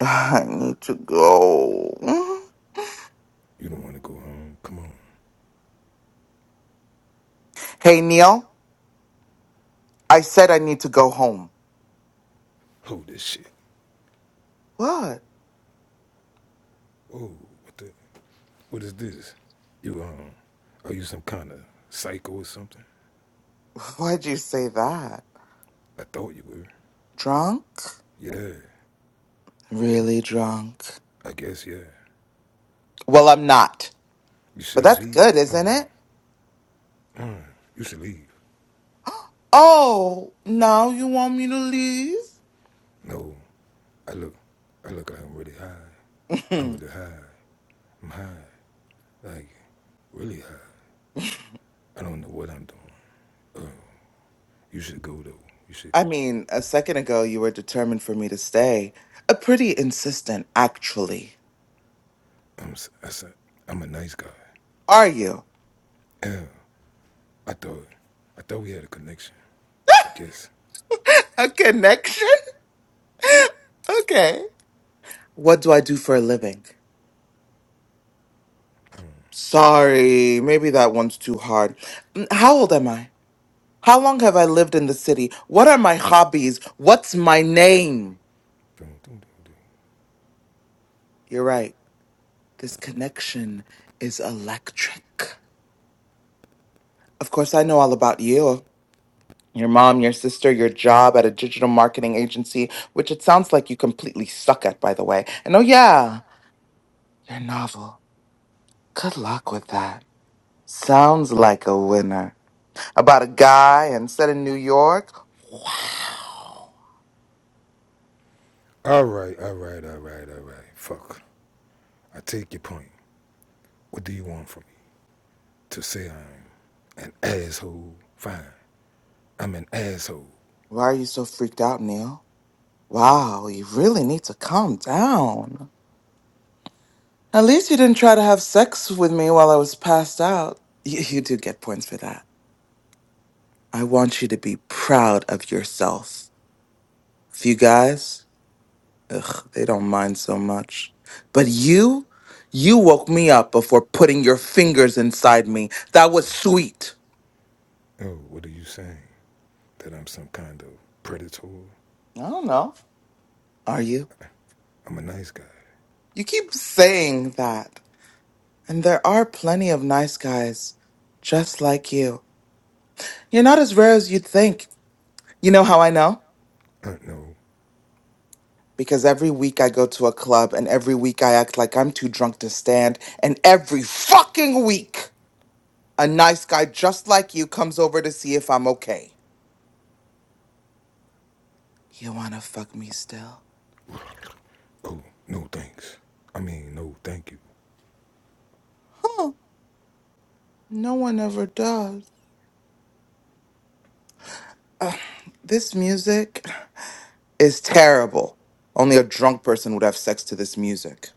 Speaker 1: I need to go.
Speaker 4: You don't want to go home. Come on.
Speaker 1: Hey Neil, I said I need to go home.
Speaker 4: Hold this shit.
Speaker 1: What?
Speaker 4: Whoa, what the? What is this? You, um, are you some kind of psycho or something?
Speaker 1: Why'd you say that?
Speaker 4: I thought you were.
Speaker 1: Drunk?
Speaker 4: Yeah,
Speaker 1: Really drunk.
Speaker 4: I guess, yeah.
Speaker 1: Well, I'm not.
Speaker 4: You
Speaker 1: But
Speaker 4: should
Speaker 1: that's
Speaker 4: leave.
Speaker 1: good,
Speaker 4: I mean,
Speaker 1: isn't it?
Speaker 4: mm, you should leave.
Speaker 1: Oh, now you want me to
Speaker 4: No, I look, I look like I'm really high. I'm
Speaker 1: leave?
Speaker 4: really high. I'm high. Like, really high. I don't know what I'm doing. Uh, you should go, though. You should
Speaker 1: I
Speaker 4: go.
Speaker 1: mean, a second ago you were determined for me to stay. A pretty insistent, actually.
Speaker 4: I'm, s- I said, I'm a nice guy.
Speaker 1: Are you?
Speaker 4: Yeah, I thought, I thought we had a connection. I guess.
Speaker 1: a connection? okay. What do I do for a living? Sorry, maybe that one's too hard. Mm, How old am I? How long have I lived in the city? What are my hobbies? What's my name?
Speaker 4: Dun, dun, dun, dun.
Speaker 1: You're right. This connection is electric. Of course, I know all about you. your mom, your sister, your job at a digital marketing agency, which it sounds like you completely suck at, by the way. And oh, yeah, your novel. Good luck with that. Sounds like a winner. About a guy and set in New York. Wow.
Speaker 4: All right, all right, all right, all right. Fuck. I take your point. What do you want from me? To say I'm an asshole? Fine. I'm an asshole.
Speaker 1: Why are you so freaked out, Neil? Wow, you really need to calm down. At least you didn't try to have sex with me while I was passed out. You, you do get points for that. I want you to be proud of yourself. If you guys. Ugh, they don't mind so much. But you, you woke me up before putting your fingers inside me. That was sweet.
Speaker 4: Oh, what are you saying? That I'm some kind of predator?
Speaker 1: I don't know. Are you?
Speaker 4: I'm a nice guy.
Speaker 1: You keep saying that. And there are plenty of nice guys just like you. You're not as rare as you'd think. You know how I know?
Speaker 4: Uh, no.
Speaker 1: Because every week I go to a club and every week I act like I'm too drunk to stand. And every fucking week, a nice guy just like you comes over to see if I'm okay. You wanna fuck me still?
Speaker 4: Oh, no thanks. I mean, no thank you.
Speaker 1: Huh. No one ever does. Ugh, this music is terrible. Only a drunk person would have sex to this music.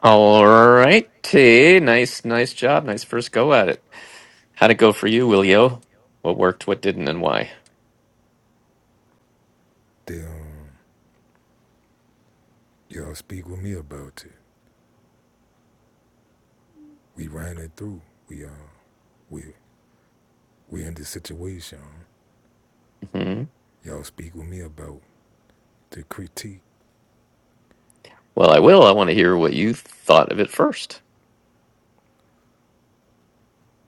Speaker 2: All righty. Nice, nice job. Nice first go at it. How'd it go for you, Willio? What worked? What didn't? And why?
Speaker 4: Then, um, y'all speak with me about it. We ran it through. We, uh, we, we in this situation.
Speaker 2: hmm
Speaker 4: Y'all speak with me about the critique
Speaker 2: Well, I will. I want to hear what you thought of it first.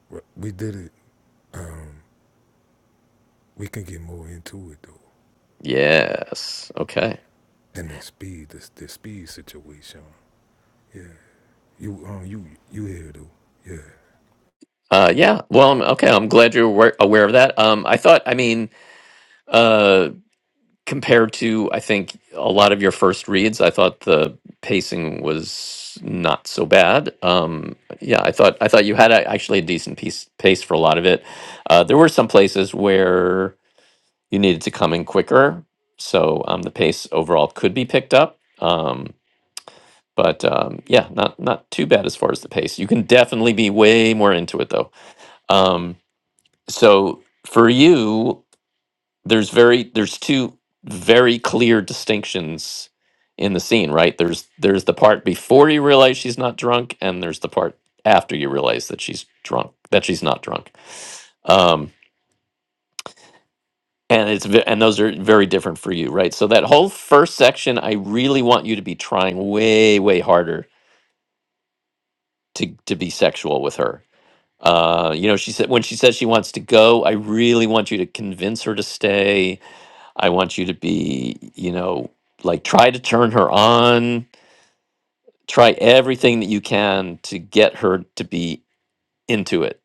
Speaker 4: Well, we did it. Uh, we can get more into it though,
Speaker 2: Yes. Okay.
Speaker 4: and the speed, the, the speed situation. Yeah, you um, you you here though? Yeah,
Speaker 2: Uh, yeah. Well, I'm- okay. I'm glad you're aware, aware of that. Um, I thought, I mean, uh, compared to, I think, a lot of your first reads, I thought the pacing was not so bad. Um, yeah, I thought, I thought you had a, actually a decent piece, pace for a lot of it. Uh, there were some places where you needed to come in quicker, so um, the pace overall could be picked up. Um, but um, yeah, not not too bad as far as the pace. You can definitely be way more into it though. um. so for you there's very there's two very clear distinctions in the scene right there's there's the part before you realize she's not drunk and there's the part after you realize that she's drunk that she's not drunk um and it's ve- and those are very different for you right so that whole first section i really want you to be trying way way harder to to be sexual with her uh you know she said when she says she wants to go i really want you to convince her to stay I want you to be, you know, like try to turn her on, try everything that you can to get her to be into it,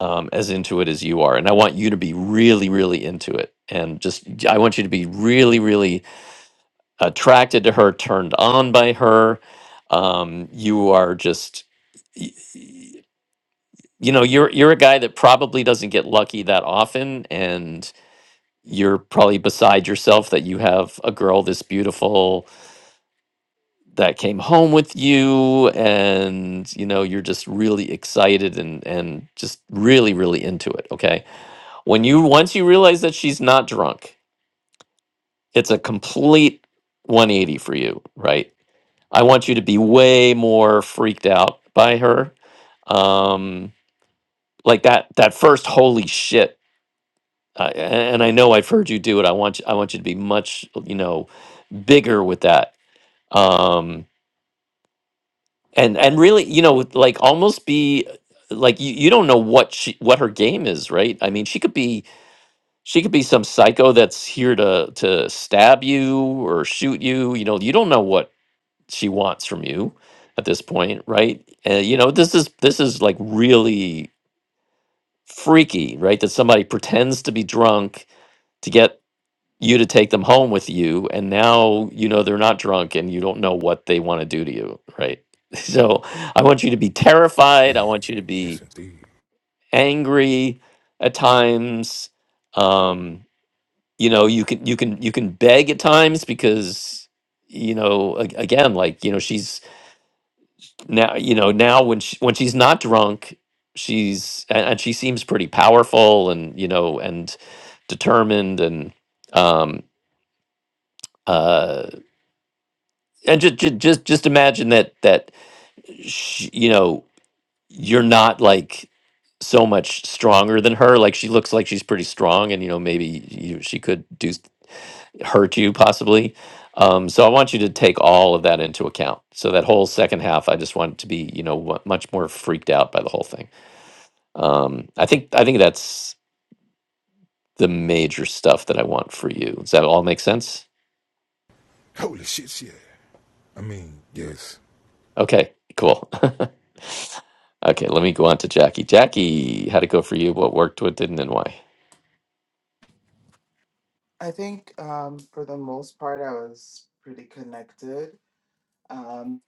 Speaker 2: um, as into it as you are. And I want you to be really, really into it. And just, I want you to be really, really attracted to her, turned on by her. Um, you are just, y- y- you know, you're you're a guy that probably doesn't get lucky that often, and you're probably beside yourself that you have a girl this beautiful that came home with you and you know you're just really excited and and just really really into it okay when you once you realize that she's not drunk it's a complete 180 for you right i want you to be way more freaked out by her um like that that first holy shit uh, and i know i've heard you do it i want you i want you to be much you know bigger with that um and and really you know like almost be like you, you don't know what she what her game is right i mean she could be she could be some psycho that's here to to stab you or shoot you you know you don't know what she wants from you at this point right and you know this is this is like really freaky right that somebody pretends to be drunk to get you to take them home with you and now you know they're not drunk and you don't know what they want to do to you right so i want you to be terrified i
Speaker 4: yeah,
Speaker 2: want you to
Speaker 4: yes
Speaker 2: be
Speaker 4: indeed.
Speaker 2: angry at times um you know you can you can you can beg at times because you know a- again like you know she's now you know now when she, when she's not drunk she's and, and she seems pretty powerful and you know and determined and um uh, and just just just imagine that that sh you know you're not like so much stronger than her like she looks like she's pretty strong and you know maybe you, she could do s- hurt you possibly um so i want you to take all of that into account so that whole second half i just want to be you know wa- much more freaked out by the whole thing um i think i think that's the major stuff that i want for you does that all make sense
Speaker 4: Holy shit, yeah. I mean, yes.
Speaker 2: okay cool Okay, let me go on to Jackie. Jackie, how'd it go for you? What worked, what didn't, and why?
Speaker 1: I think um, for the most part, I was pretty connected. Um,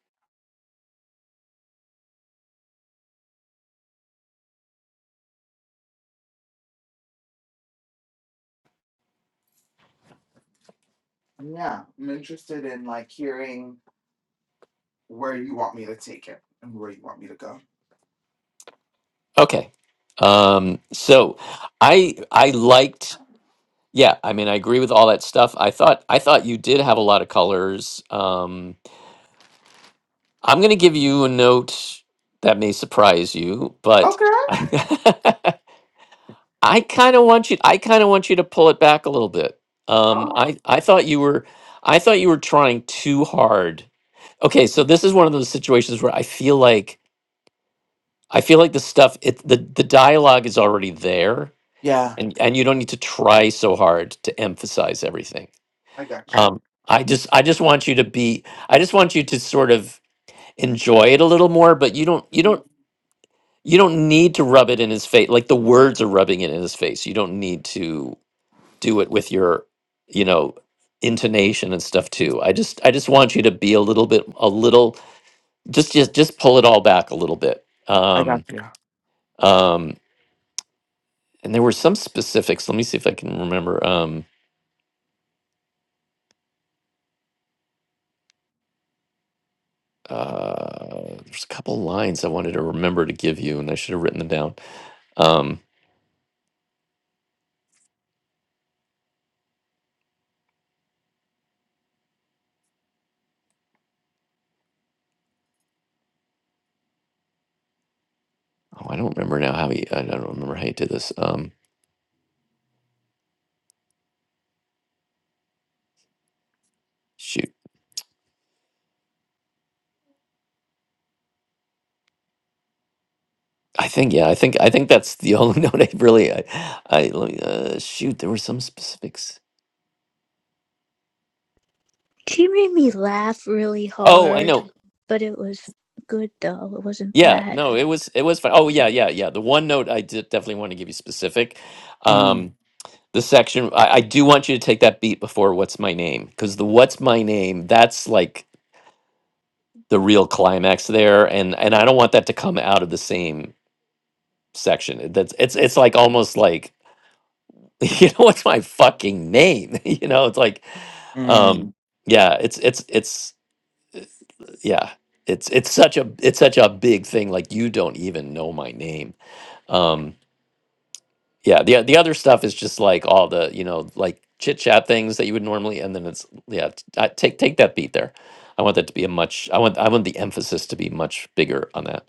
Speaker 1: yeah, I'm interested in like hearing where you want me to take it and where you want me to go.
Speaker 2: Okay. Um, so I I liked yeah, I mean I agree with all that stuff. I thought I thought you did have a lot of colors. Um I'm gonna give you a note that may surprise you, but
Speaker 1: Okay.
Speaker 2: I kinda want you I kinda want you to pull it back a little bit. Um
Speaker 1: Oh.
Speaker 2: I, I thought you were I thought you were trying too hard. Okay, so
Speaker 1: Mhm.
Speaker 2: this is one of those situations where I feel like I feel like the stuff it the the dialogue is already there
Speaker 1: Yeah.
Speaker 2: and and you don't need to try so hard to emphasize everything.
Speaker 1: I got you.
Speaker 2: Um I just I just want you to be I just want you to sort of enjoy it a little more but you don't you don't
Speaker 1: Mm.
Speaker 2: you don't need to rub it in his face like the words are rubbing it in his face. You don't need to do it with your you know intonation and stuff too. I just I just want you to be a little bit a little just just just pull it all back a little bit.
Speaker 1: I got
Speaker 2: Um
Speaker 1: you.
Speaker 2: um and there were some specifics. Let me see if I can remember. Um, uh, there's a couple lines I wanted to remember to give you, and I should have written them down. Um, oh, I don't remember now how he. I don't remember how he did this. Um, shoot, I think yeah, I think I think that's the only note I really. I, I let me- uh, shoot, there were some specifics.
Speaker 3: She made me laugh really
Speaker 2: Oh, I
Speaker 3: hard,
Speaker 2: know.
Speaker 3: but it was good though. It wasn't
Speaker 2: Yeah,
Speaker 3: bad.
Speaker 2: no, it was it was fine. Oh yeah, yeah, yeah. The one note I did definitely want to give you specific.
Speaker 1: Mm-hmm.
Speaker 2: Um, the section I, I do want you to take that beat before what's my name because the what's my name that's like the real climax there and and i don't want that to come out of the same section It- that's it's it's like almost like you know what's my fucking name you know it's like um
Speaker 1: Mm.
Speaker 2: yeah it's it's it's yeah it's it's such a it's such a big thing like you don't even know my name Um. Yeah, the the other stuff is just like all the you know like chit chat things that you would normally, and then it's yeah, t- I, take take that beat there. I want that to be a much. I want I want the emphasis to be much bigger on that.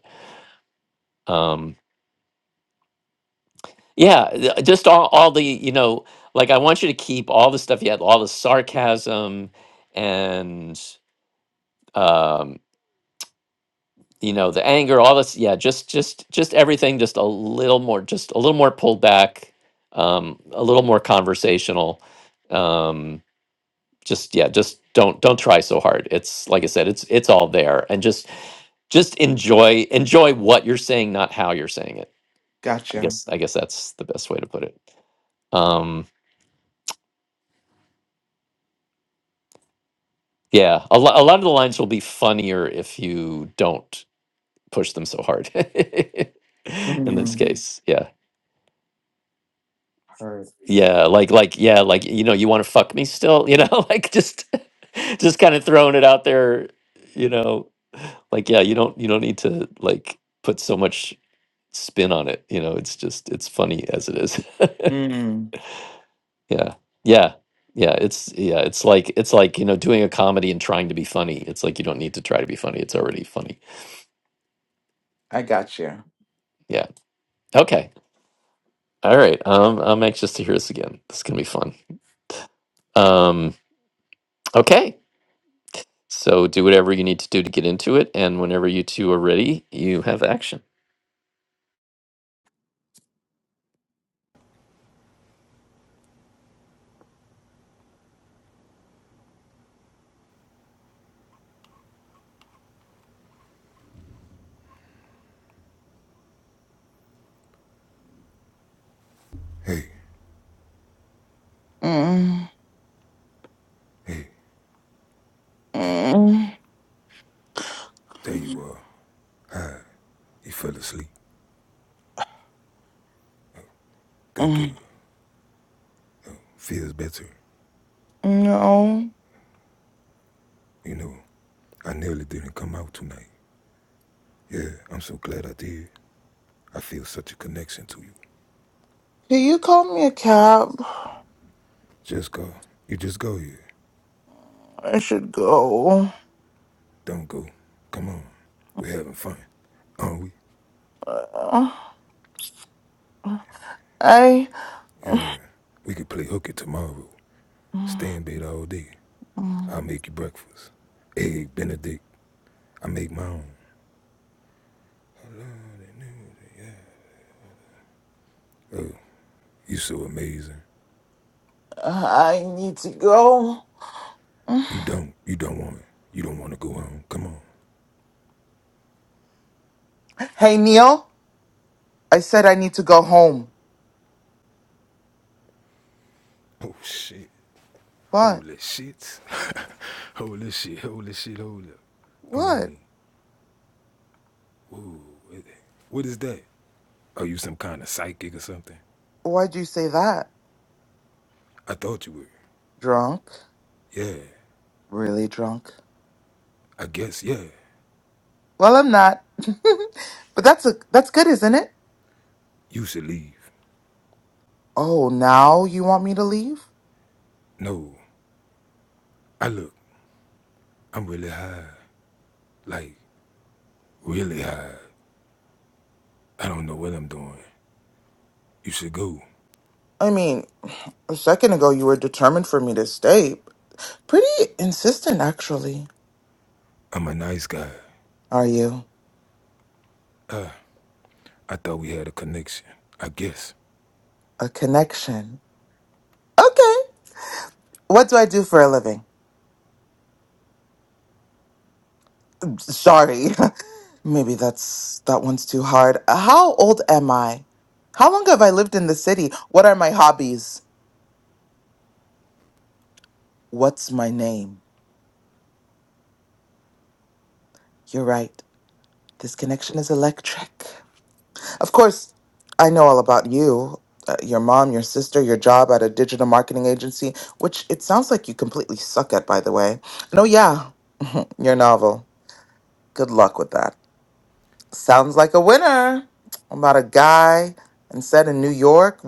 Speaker 2: Um, yeah, th- uh, just all all the you know like I want you to keep all the stuff you had, all the sarcasm and um, you know the anger, all this. Yeah, just just just everything, just a little more, just a little more pulled back, um, a little more conversational. Um, just yeah just don't don't try so hard it's like i said it's it's all there and just just enjoy enjoy what you're saying not how you're saying it i
Speaker 1: Gotcha.
Speaker 2: guess i guess that's the best way to put it um yeah a, lo- a lot of the lines will be funnier if you don't push them so hard in this
Speaker 1: Mm,
Speaker 2: case yeah
Speaker 1: Heard.
Speaker 2: yeah like like yeah like you know you want to fuck me still you know like just just kind of throwing it out there you know like yeah you don't you don't need to like put so much spin on it. You know, it's just it's funny as it is.
Speaker 1: mm,
Speaker 2: yeah. Yeah. Yeah, it's yeah, it's like it's like, you know, doing a comedy and trying to be funny. It's like you don't need to try to be funny. It's already funny.
Speaker 1: I got you.
Speaker 2: Yeah. Okay. All right. Um I'm anxious to hear this again. This is going to be fun. Um okay. So do whatever you need to do to get into it and whenever you two are ready, you have action.
Speaker 4: Hey,
Speaker 1: Mm,
Speaker 4: hey, hey.
Speaker 1: mm,
Speaker 4: There you are. Hi. You fell asleep. Good girl.
Speaker 1: mm,
Speaker 4: Feels better.
Speaker 1: no.
Speaker 4: You know, I nearly didn't come out tonight. Yeah, I'm so glad I did. I feel such a connection to you.
Speaker 1: Can you call me a cab?
Speaker 4: Just go. You just go here.
Speaker 1: I should go.
Speaker 4: Don't go. Come on. We're having fun. Aren't we?
Speaker 1: Uh, I.
Speaker 4: Yeah. We could play hooky tomorrow. Stay in bed all day. I'll make you breakfast. Egg Benedict. I make my own. Oh, you so amazing.
Speaker 1: I need to go.
Speaker 4: You don't. You don't want it. You don't want to go home. Come on.
Speaker 1: Hey, Neil. I said I need to go home.
Speaker 4: Oh shit.
Speaker 1: What?
Speaker 4: Holy shit. holy shit. Holy shit. Holy. I
Speaker 1: What?
Speaker 4: mean, whoa. What is that? Are you some kind of psychic or something?
Speaker 1: Why'd you say that?
Speaker 4: I thought you were.
Speaker 1: Drunk?
Speaker 4: Yeah.
Speaker 1: Really drunk?
Speaker 4: I guess, yeah,
Speaker 1: Well, I'm not. but that's a that's good, isn't it?
Speaker 4: you should leave.
Speaker 1: Oh, now you want me to leave?
Speaker 4: No, I look, I'm really high. Like, really high. I don't know what I'm doing. You should go.
Speaker 1: I mean, a second ago you were determined for me to stay. Pretty insistent, actually.
Speaker 4: I'm a nice guy.
Speaker 1: Are you?
Speaker 4: Uh, I thought we had a connection. I guess.
Speaker 1: A connection. Okay. What do I do for a living? Sorry. Maybe that's that one's too hard. How old am I? How long have I lived in the city? What are my hobbies? What's my name? You're right. This connection is electric. Of course, I know all about you, uh, your mom, your sister, your job at a digital marketing agency, which it sounds like you completely suck at, by the way. No, yeah, your novel. Good luck with that. Sounds like a winner. About a guy and said in New York.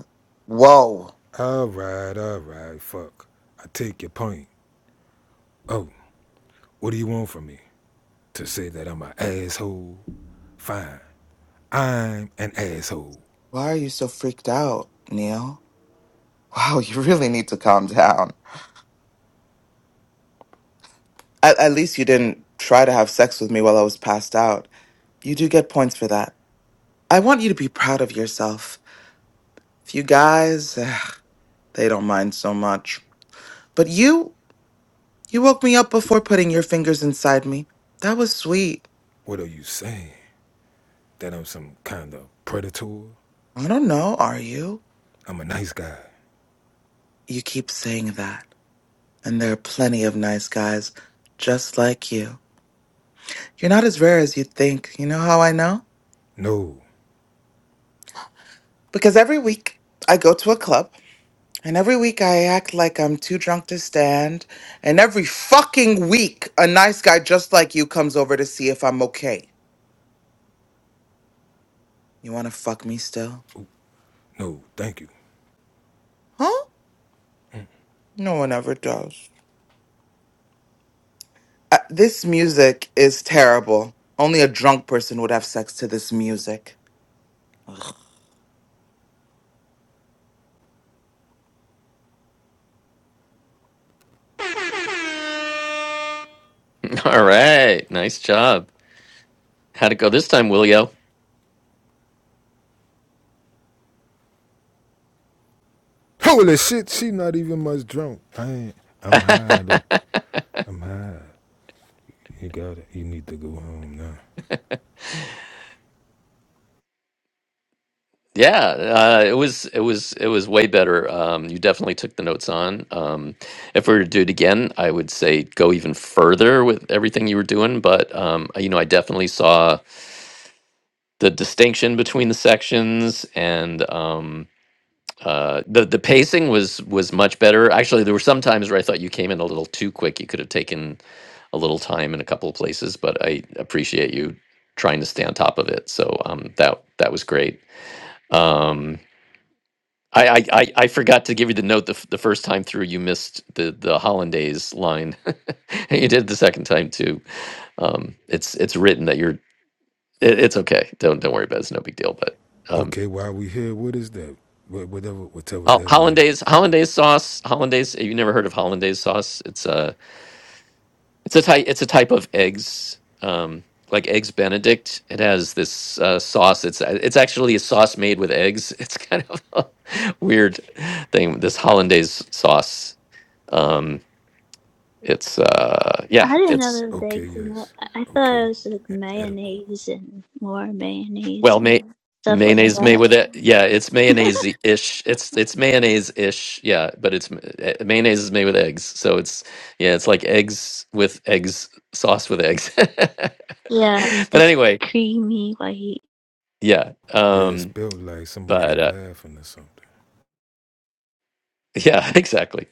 Speaker 1: Whoa.
Speaker 4: All right, all right, fuck. I take your point. Oh, what do you want from me? To say that I'm an asshole? Fine. I'm an asshole.
Speaker 1: Why are you so freaked out, Neil? Wow, you really need to calm down. At, at least you didn't try to have sex with me while I was passed out. You do get points for that. I want you to be proud of yourself. If you guys, ugh, they don't mind so much. But you, you woke me up before putting your fingers inside me. That was sweet.
Speaker 4: What are you saying? That I'm some kind of predator?
Speaker 1: I don't know, are you?
Speaker 4: I'm a nice guy.
Speaker 1: You keep saying that. And there are plenty of nice guys just like you. You're not as rare as you think. You know how I know?
Speaker 4: No.
Speaker 1: Because every week I go to a club, and every week I act like I'm too drunk to stand, and every fucking week a nice guy just like you comes over to see if I'm okay. You wanna fuck me still?
Speaker 4: Oop. No, thank you.
Speaker 1: Huh? No one ever does. Uh, this music is terrible. Only a drunk person would have sex to this music. Ugh.
Speaker 2: All right. Nice job. How'd it go this time, Willio?
Speaker 4: Holy shit, she not even much drunk. I ain't, I'm high though. I'm high. You got it. You need to go home now.
Speaker 2: Yeah, uh, it was it was it was way better. Um, you definitely took the notes on. Um, if we were to do it again, I would say go even further with everything you were doing. But um, you know, I definitely saw the distinction between the sections, and um, uh, the the pacing was was much better. Actually, there were some times where I thought you came in a little too quick. You could have taken a little time in a couple of places, but I appreciate you trying to stay on top of it. So um, that that was great. Um, I, I, I I forgot to give you the note the, f- the first time through. You missed the the hollandaise line. and you did the second time too. Um, it's it's written that you're. It, it's okay. Don't don't worry about it. It's no big deal. But um,
Speaker 4: Okay, while we here, what is that? Whatever, whatever
Speaker 2: ho-
Speaker 4: that is.
Speaker 2: hollandaise hollandaise sauce hollandaise. you never heard of hollandaise sauce? It's a it's a type it's a type of eggs. Um, like eggs Benedict. It has this uh, sauce. It's it's actually a sauce made with eggs. It's kind of a weird thing. This hollandaise sauce. Um, It's uh yeah,
Speaker 3: I didn't know
Speaker 2: it's
Speaker 3: there was
Speaker 4: Okay,
Speaker 3: eggs in it.
Speaker 4: yes.
Speaker 3: I I thought it
Speaker 4: Okay.
Speaker 3: was like
Speaker 4: E- edible.
Speaker 3: mayonnaise and more mayonnaise
Speaker 2: well may
Speaker 3: and stuff like
Speaker 2: mayonnaise may
Speaker 3: that.
Speaker 2: with it. Yeah, it's mayonnaise ish. It's it's mayonnaise ish. Yeah, but it's eh, mayonnaise is made with eggs. So it's yeah, it's like eggs with eggs sauce with eggs.
Speaker 3: Yeah,
Speaker 2: but
Speaker 3: it's
Speaker 2: anyway,
Speaker 3: creamy white.
Speaker 2: yeah.
Speaker 4: Yeah, it
Speaker 2: Um
Speaker 4: spelled like somebody
Speaker 2: but uh,
Speaker 4: laughing or something.
Speaker 2: Yeah, exactly.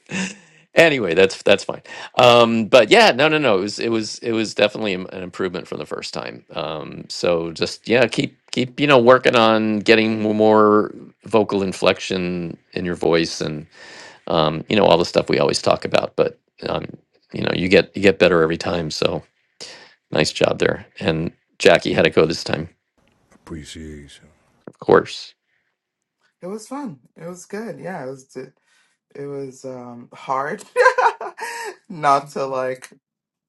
Speaker 2: Anyway, that's that's fine. Um, but yeah, no, no, no. It was it was it was definitely an an improvement from the first time. Um, so just yeah, keep keep you know working on getting more vocal inflection in your voice and um, you know all the stuff we always talk about. But um, you know you get you get better every time. So nice job there. And Jackie had it go this time,
Speaker 4: Appreciation.
Speaker 2: of course.
Speaker 1: It was fun. It was good. Yeah, it was. d- It was um, hard not to like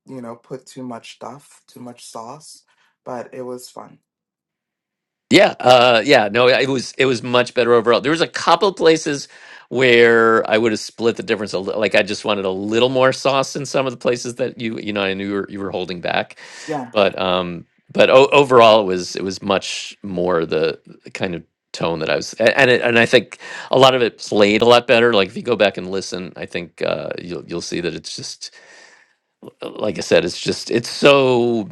Speaker 1: you know put too much stuff, too much sauce, but it was fun.
Speaker 2: Yeah, uh, yeah, no, yeah, it was it was much better overall. There was a couple places where I would have split the difference a little. Like I just wanted a little more sauce in some of the places that you you know I knew you were, you were holding back,
Speaker 1: Yeah.
Speaker 2: but um, but o- overall it was it was much more the, the kind of tone that I was a- and it, and I think a lot of it played a lot better. Like if you go back and listen, I think uh, you'll you'll see that it's just like I said, it's just it's so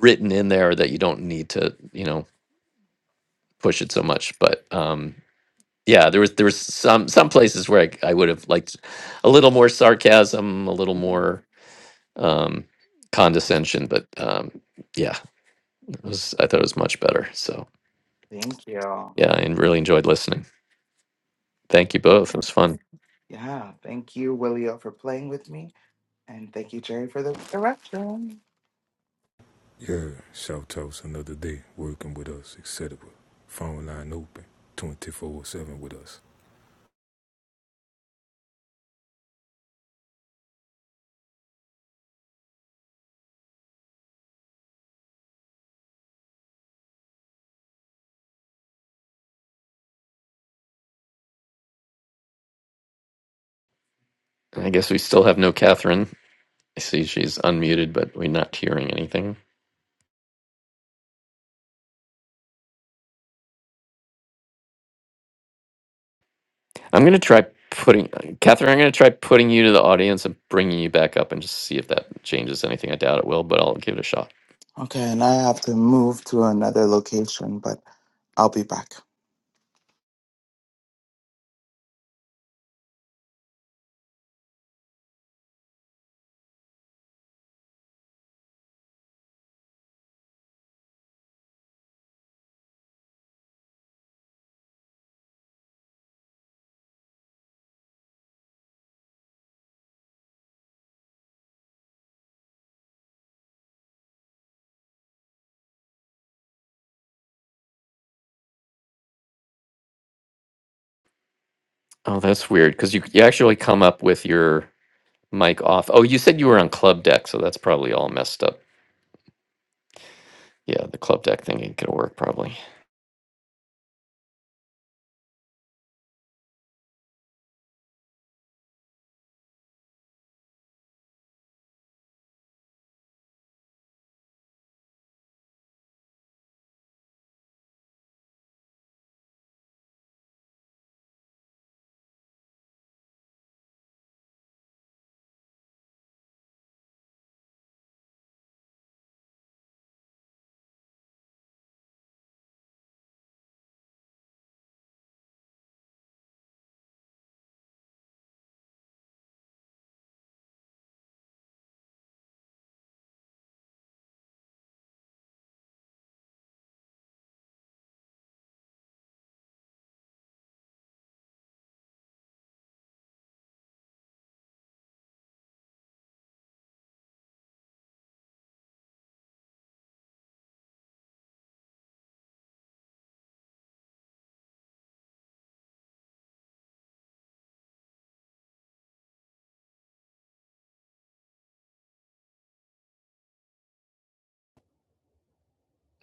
Speaker 2: written in there that you don't need to you know push it so much. But um, yeah, there was there was some some places where I, I would have liked a little more sarcasm, a little
Speaker 1: Mhm.
Speaker 2: more um, condescension. But um, yeah, it was I thought it was much better. So
Speaker 1: Thank you.
Speaker 2: yeah, I really enjoyed listening. Thank you
Speaker 1: Thank-
Speaker 2: both. It was fun.
Speaker 1: Yeah, thank you, Willio, for playing with me, and thank you, Jerry, for the direction.
Speaker 4: Yeah, shout outs another day, working with us, etc. Phone line open, 24 7 with us.
Speaker 2: I guess we still have no Catherine. I see she's unmuted, but we're not hearing anything. I'm gonna try putting Catherine. I'm gonna try putting you to the audience and bringing you back up and just see if that changes anything. I doubt it will, but I'll give it a shot.
Speaker 1: Okay, and I have to move to another location, but I'll be back.
Speaker 2: Oh, that's weird because you you actually come up with your mic off. Oh, you said you were on Club Deck, so that's probably all messed up. Yeah, the Club Deck thing ain't gonna work probably.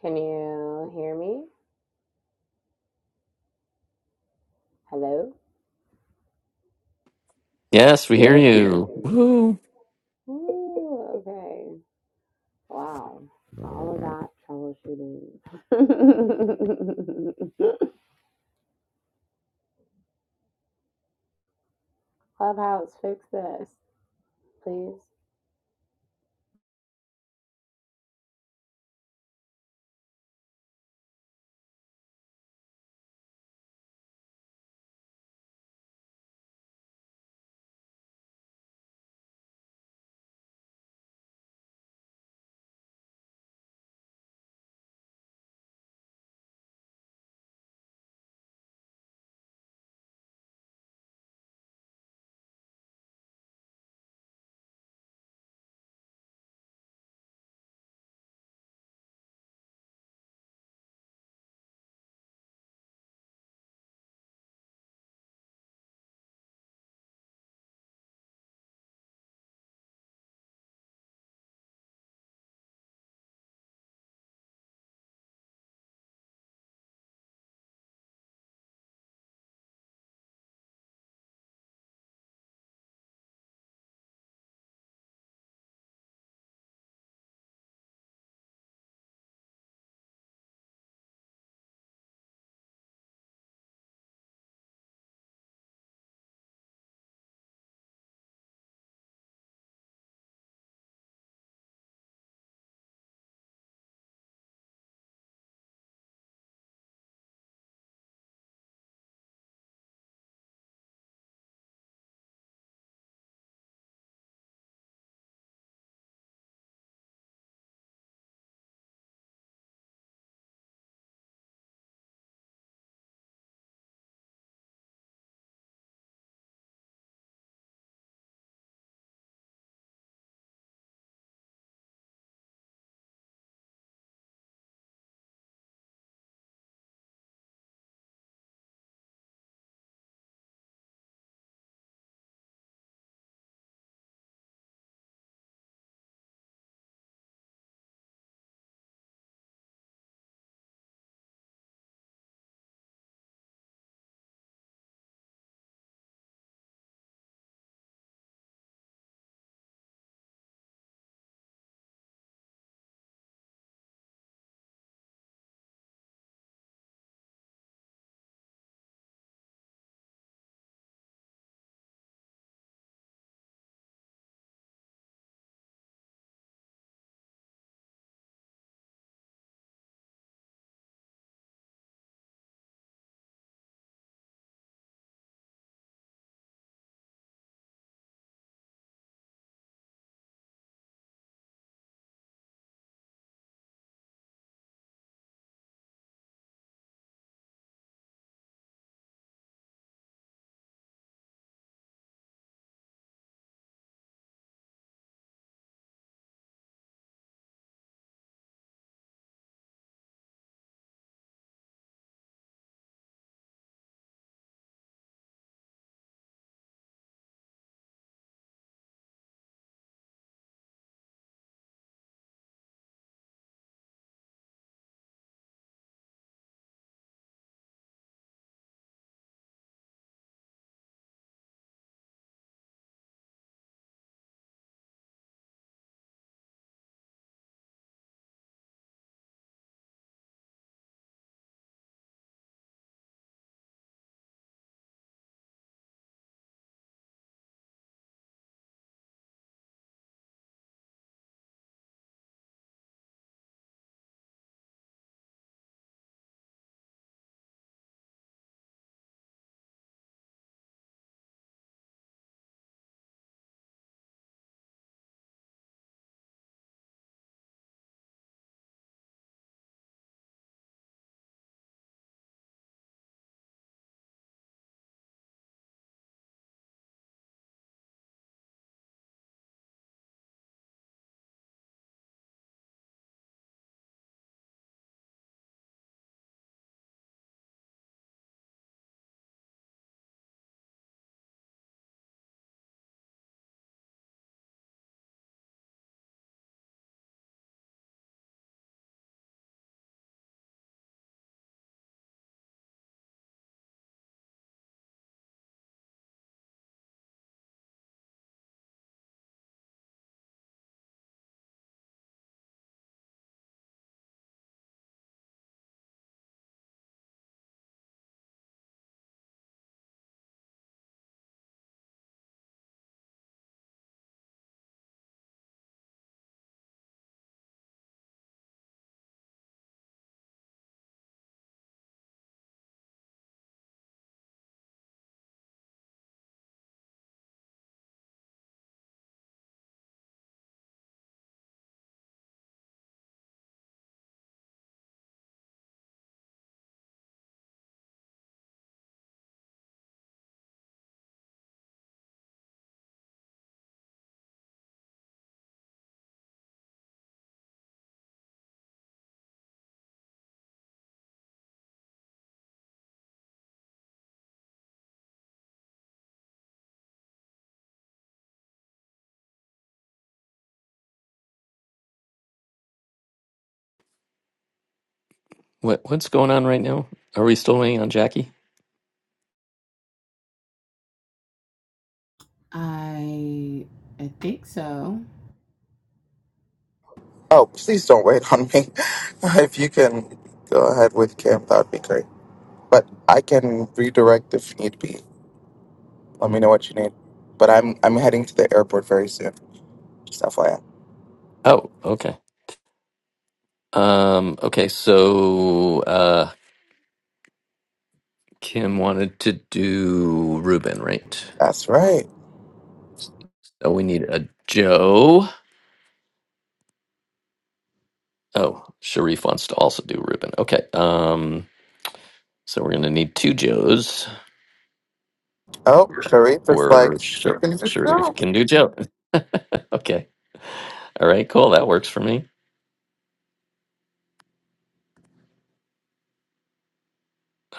Speaker 5: Can you hear me? Hello?
Speaker 2: Yes, we hear you. Woo!
Speaker 5: Ooh, okay. Wow. All of that troubleshooting. Clubhouse, fix this, please.
Speaker 2: What what's going on right now? Are we still waiting on Jackie?
Speaker 5: I I think so.
Speaker 1: Oh, please don't wait on me. If you can go ahead with camp, that would be great. But I can redirect if need be. Let me know what you need. But I'm I'm heading to the airport very soon. Just FYI.
Speaker 2: Oh, okay. Um, okay. So, uh, Kim wanted to do Ruben, right?
Speaker 1: That's right.
Speaker 2: Oh, we need a Joe. Oh, Sharif wants to also do Ruben. Okay. Um, so we're gonna need two Joes,
Speaker 1: Oh, Sharif is like,
Speaker 2: or
Speaker 1: she
Speaker 2: Sha-
Speaker 1: can just go.
Speaker 2: Sharif can do Joe. okay. All right. Cool. That works for me.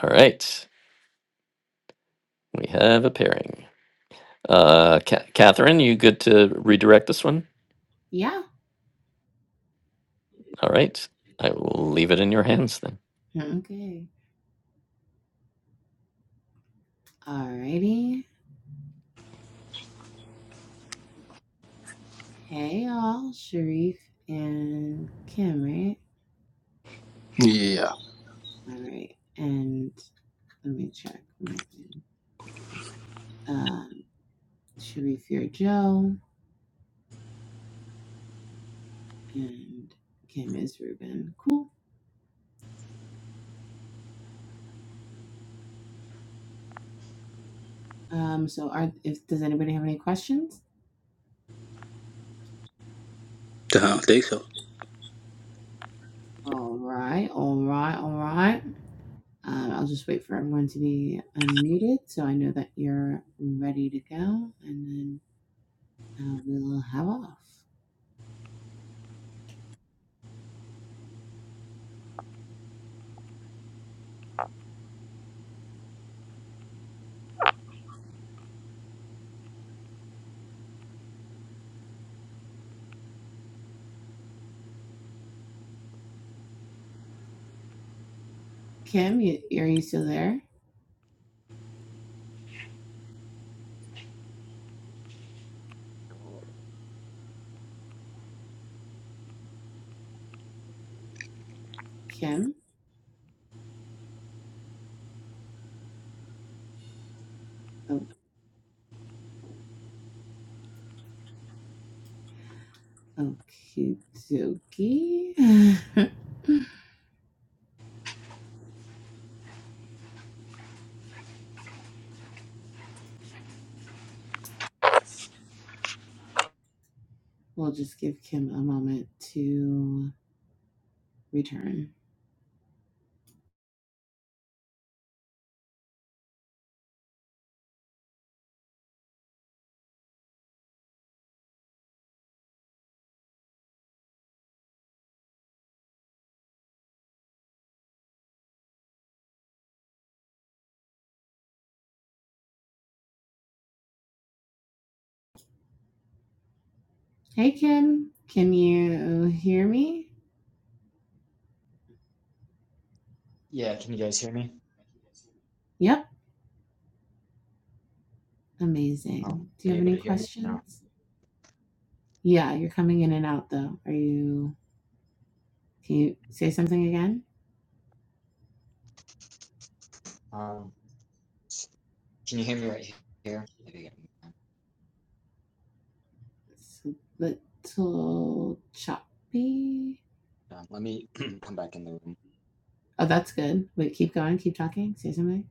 Speaker 2: All right. We have a pairing. Uh, Ca- Catherine, you good to redirect this one?
Speaker 5: Yeah.
Speaker 2: All right. I will leave it in your hands then.
Speaker 5: Okay. Alrighty. Hey y'all, Sharif and Kim, right?
Speaker 6: Yeah,
Speaker 5: All right. And let me check my thing. Uh, Sharif, you're Joe, and Kim is Ruben. Cool. Um, so are if does anybody have any questions?
Speaker 6: I don't think so.
Speaker 5: All right, all right, all right. Um, I'll just wait for everyone to be unmuted so I know that you're ready to go, and then uh, we'll have off. Kim, you, are you still there? Kim? Oh, okie dokie. we'll just give Kim a moment to return. Hey, Kim. Can you hear me?
Speaker 7: Yeah, can you guys hear me?
Speaker 5: Yep.
Speaker 7: Um,
Speaker 5: Amazing. Do
Speaker 7: are
Speaker 5: you
Speaker 7: you
Speaker 5: have
Speaker 7: able
Speaker 5: any
Speaker 7: to hear me? now?
Speaker 5: questions? Yeah, you're coming in and out though. Are you? Can you say something again?
Speaker 7: Um, can you hear me right here? Maybe
Speaker 5: It's a little choppy.
Speaker 7: um, let me come back in the room.
Speaker 5: Oh, that's good. Wait, keep going. Keep talking. Say something.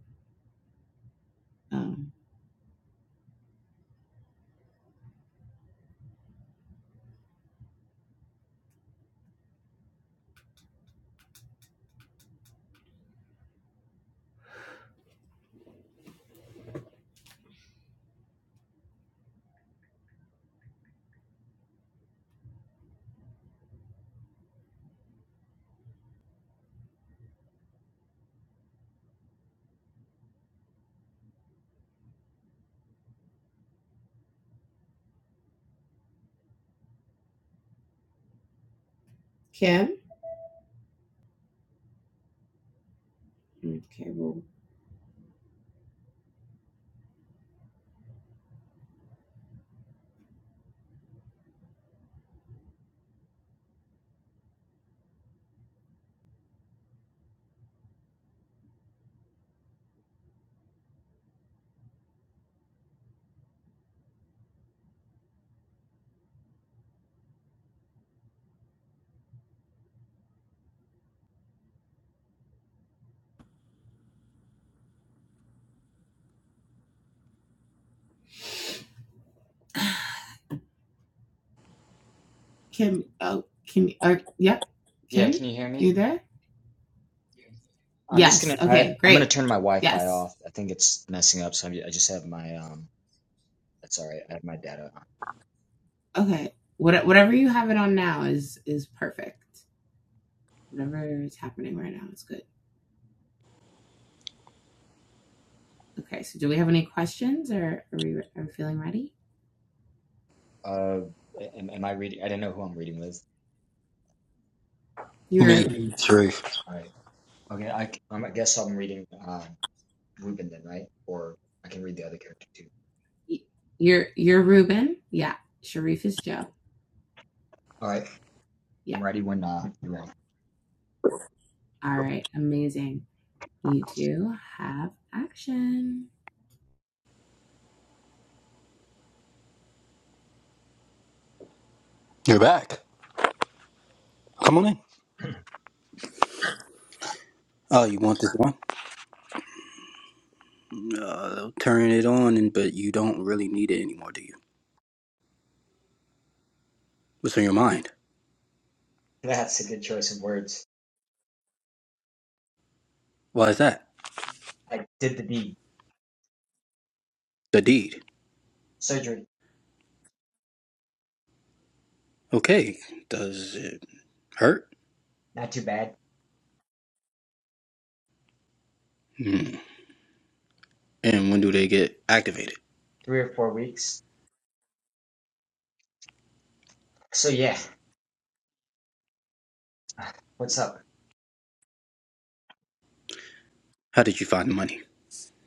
Speaker 5: Um, Kim. Okay, well, Kim. Oh, Kim. Uh, yep. Yeah.
Speaker 7: Yeah,
Speaker 5: Kim,
Speaker 7: can you hear
Speaker 5: you
Speaker 7: me?
Speaker 5: there?
Speaker 7: I'm just
Speaker 5: Yes.
Speaker 7: gonna I,
Speaker 5: Okay.
Speaker 7: I'm gonna
Speaker 5: Great.
Speaker 7: turn my Wi-Fi
Speaker 5: Yes.
Speaker 7: off. I think it's messing up, so I'm, I just have my um. That's all right. I have my data on.
Speaker 5: Okay. What, whatever you have it on now is is perfect. Whatever is happening right now is good. Okay. So, do we have any questions, or are we are we feeling ready?
Speaker 7: Uh, am, am I reading? I didn't know who I'm reading with.
Speaker 6: me,
Speaker 5: You're
Speaker 6: Sharif.
Speaker 7: All right. Okay. I c- um, I guess I'm reading uh, Ruben then, right? Or I can read the other character too.
Speaker 5: Y- You're you're Ruben. Yeah. Sharif is Joe.
Speaker 7: All right.
Speaker 5: Yeah.
Speaker 7: I'm ready when uh, you're ready.
Speaker 5: All right. Amazing. You two have action.
Speaker 6: You're back. Come on in. Oh, you want this one? Uh, they'll turn it on, and but you don't really need it anymore, do you? What's on your mind?
Speaker 7: That's a good choice of words.
Speaker 6: Why is that?
Speaker 7: I did the deed.
Speaker 6: The deed.
Speaker 7: Surgery.
Speaker 6: Okay. Does it hurt?
Speaker 7: Not too bad.
Speaker 6: Hmm. And when do they get activated?
Speaker 7: Three or four weeks. So yeah, what's up?
Speaker 6: How did you find the money?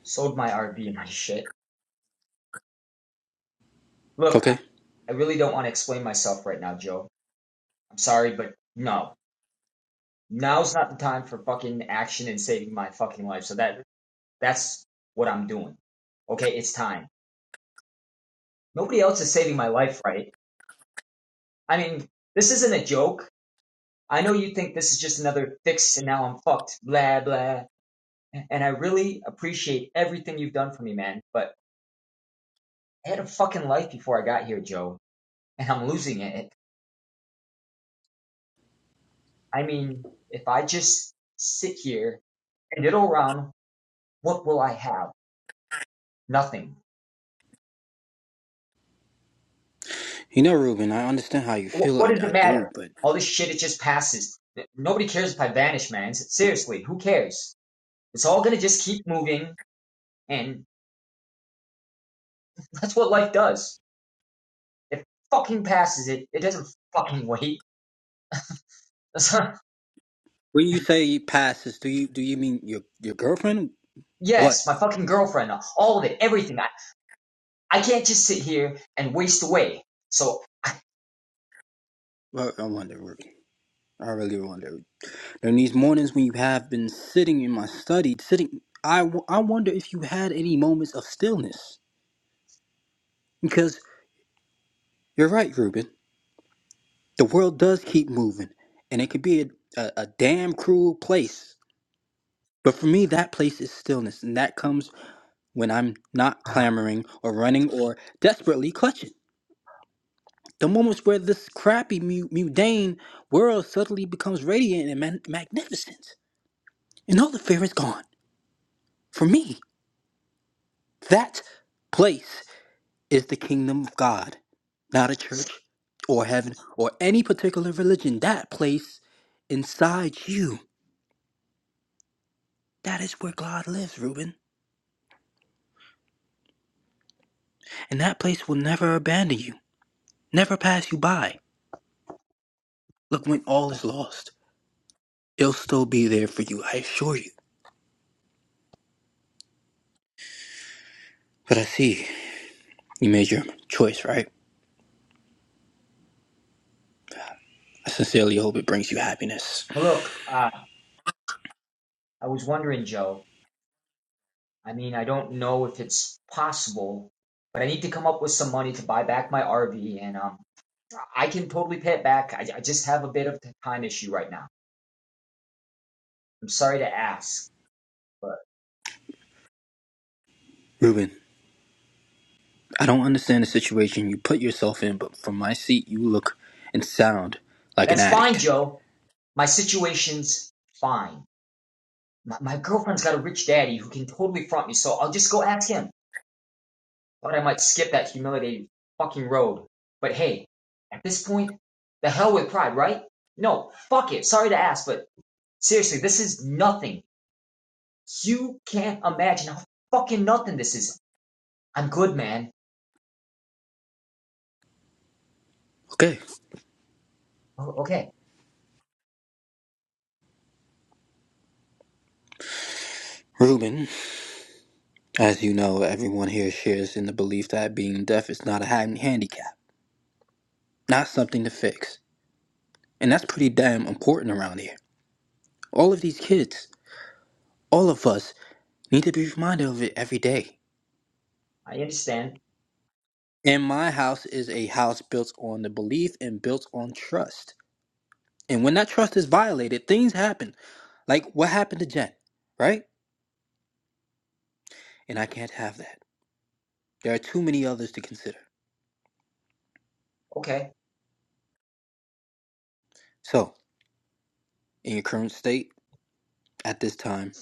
Speaker 7: Sold my RV and my shit. Look, I,
Speaker 6: Okay.
Speaker 7: I really don't want to explain myself right now, Joe. I'm sorry, but no. Now's not the time for fucking action and saving my fucking life. So that that's what I'm doing. Okay, it's time. Nobody else is saving my life, right? I mean, this isn't a joke. I know you think this is just another fix and now I'm fucked, blah blah. And I really appreciate everything you've done for me, man. But I had a fucking life before I got here, Joe. and I'm losing it. I mean, if I just sit here and diddle around, what will I have? Nothing.
Speaker 6: You know, Ruben, I understand how you
Speaker 7: What,
Speaker 6: feel.
Speaker 7: what
Speaker 6: I,
Speaker 7: does
Speaker 6: I
Speaker 7: it
Speaker 6: do,
Speaker 7: matter?
Speaker 6: but
Speaker 7: All this shit, it just passes. Nobody cares if I vanish, man. Seriously, who cares? It's all gonna just keep moving, and that's what life does. It fucking passes it. It doesn't fucking wait.
Speaker 6: when you say passes, do you do you mean your your girlfriend? What?
Speaker 7: yes, my fucking girlfriend, all of it, everything. I, I can't just sit here and waste away. So,
Speaker 6: Well, I wonder, Ruben. I really wonder. And these mornings when you have been sitting in my study, sitting, I, w- I wonder if you had any moments of stillness. Because you're right, Ruben. The world does keep moving, and it could be a, a, a damn cruel place. But for me, that place is stillness, and that comes when I'm not clamoring or running or desperately clutching. The moments where this crappy, mu- mundane world suddenly becomes radiant and man- magnificent, and all the fear is gone. For me, that place is the kingdom of God, not a church or heaven or any particular religion. That place inside you, that is where God lives, Reuben. And that place will never abandon you, never pass you by. Look, when all is lost, it'll still be there for you, I assure you. But I see you made your choice, right? I sincerely hope it brings you happiness.
Speaker 7: look, uh, I was wondering, Joe, I mean, I don't know if it's possible, but I need to come up with some money to buy back my RV, and um, I can totally pay it back. I, I just have a bit of a time issue right now. I'm sorry to ask, but
Speaker 6: Reuben, I don't understand the situation you put yourself in, but from my seat, you look and sound like an
Speaker 7: that's fine,
Speaker 6: addict.
Speaker 7: Joe. My situation's fine. My, my girlfriend's got a rich daddy who can totally front me, so I'll just go ask him. Thought I might skip that humiliating fucking road. But hey, at this point, the hell with pride, right? No, fuck it. Sorry to ask, but seriously, this is nothing You can't imagine how fucking nothing this is. I'm good, man.
Speaker 6: Okay.
Speaker 7: Oh, Okay,
Speaker 6: Reuben, As you know, everyone here shares in the belief that being deaf is not a ha- handicap, not something to fix. And that's pretty damn important around here. All of these kids, all of us, need to be reminded of it every day.
Speaker 7: I understand.
Speaker 6: And my house is a house built on the belief and built on trust. And when that trust is violated, things happen. Like what happened to Jen, right? And I can't have that. There are too many others to consider.
Speaker 7: Okay,
Speaker 6: So, in your current state, at this time,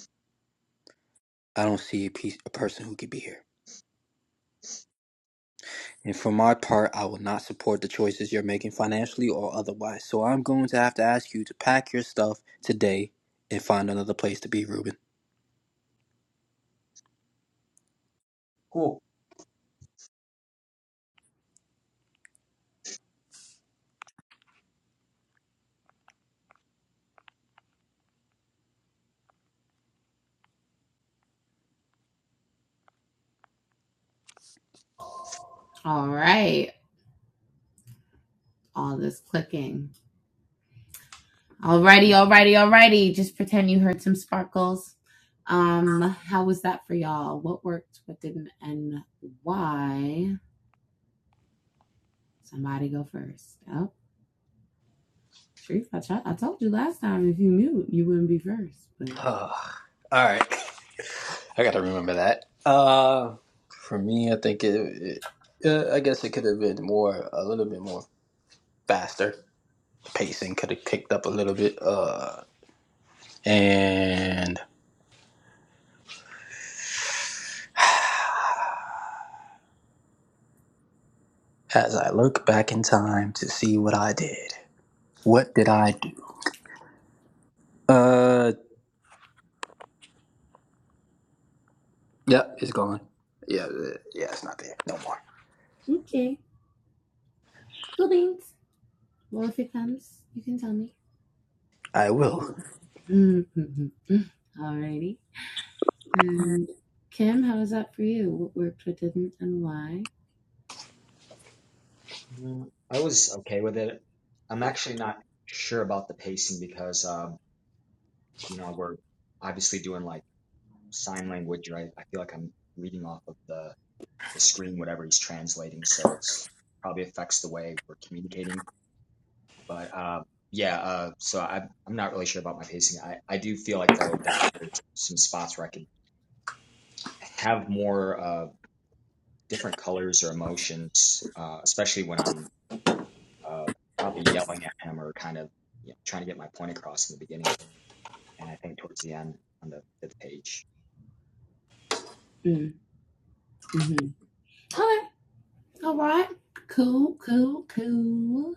Speaker 6: I don't see a, piece, a person who could be here. And for my part, I will not support the choices you're making financially or otherwise. So I'm going to have to ask you to pack your stuff today and find another place to be, Ruben.
Speaker 7: cool.
Speaker 5: All right. All this clicking. Alrighty, alrighty, alrighty. Just pretend you heard some sparkles. Um, how was that for y'all? What worked, what didn't, and why? Somebody go first. Oh, Sharif, I, t- I told you last time if you mute, you wouldn't be first. But
Speaker 6: all right. I got to remember that. Uh, for me, I think it, it uh, I guess it could have been more, a little bit more faster. The pacing could have kicked up a little bit. Uh, and as I look back in time to see what I did, what did I do? Uh. Yeah, it's gone. Yeah, uh, yeah, it's not there no more.
Speaker 5: okay, cool beans. Well, if it comes, you can tell me.
Speaker 6: I will.
Speaker 5: Mhm. Alrighty. Um, Kim, how was that for you? What worked, what didn't, and why?
Speaker 7: Mm, I was okay with it. I'm actually not sure about the pacing because, um, you know, we're obviously doing like sign language, right? I feel like I'm reading off of the, the screen, whatever he's translating. So it's probably affects the way we're communicating. But uh, yeah, uh, so I, I'm not really sure about my pacing. I, I do feel like, though, that there's some spots where I could have more uh, different colors or emotions, uh, especially when I'm uh, probably yelling at him or kind of you know, trying to get my point across in the beginning. And I think towards the end on the fifth page.
Speaker 5: Mm-hmm. Okay. All right. Cool. Cool. Cool.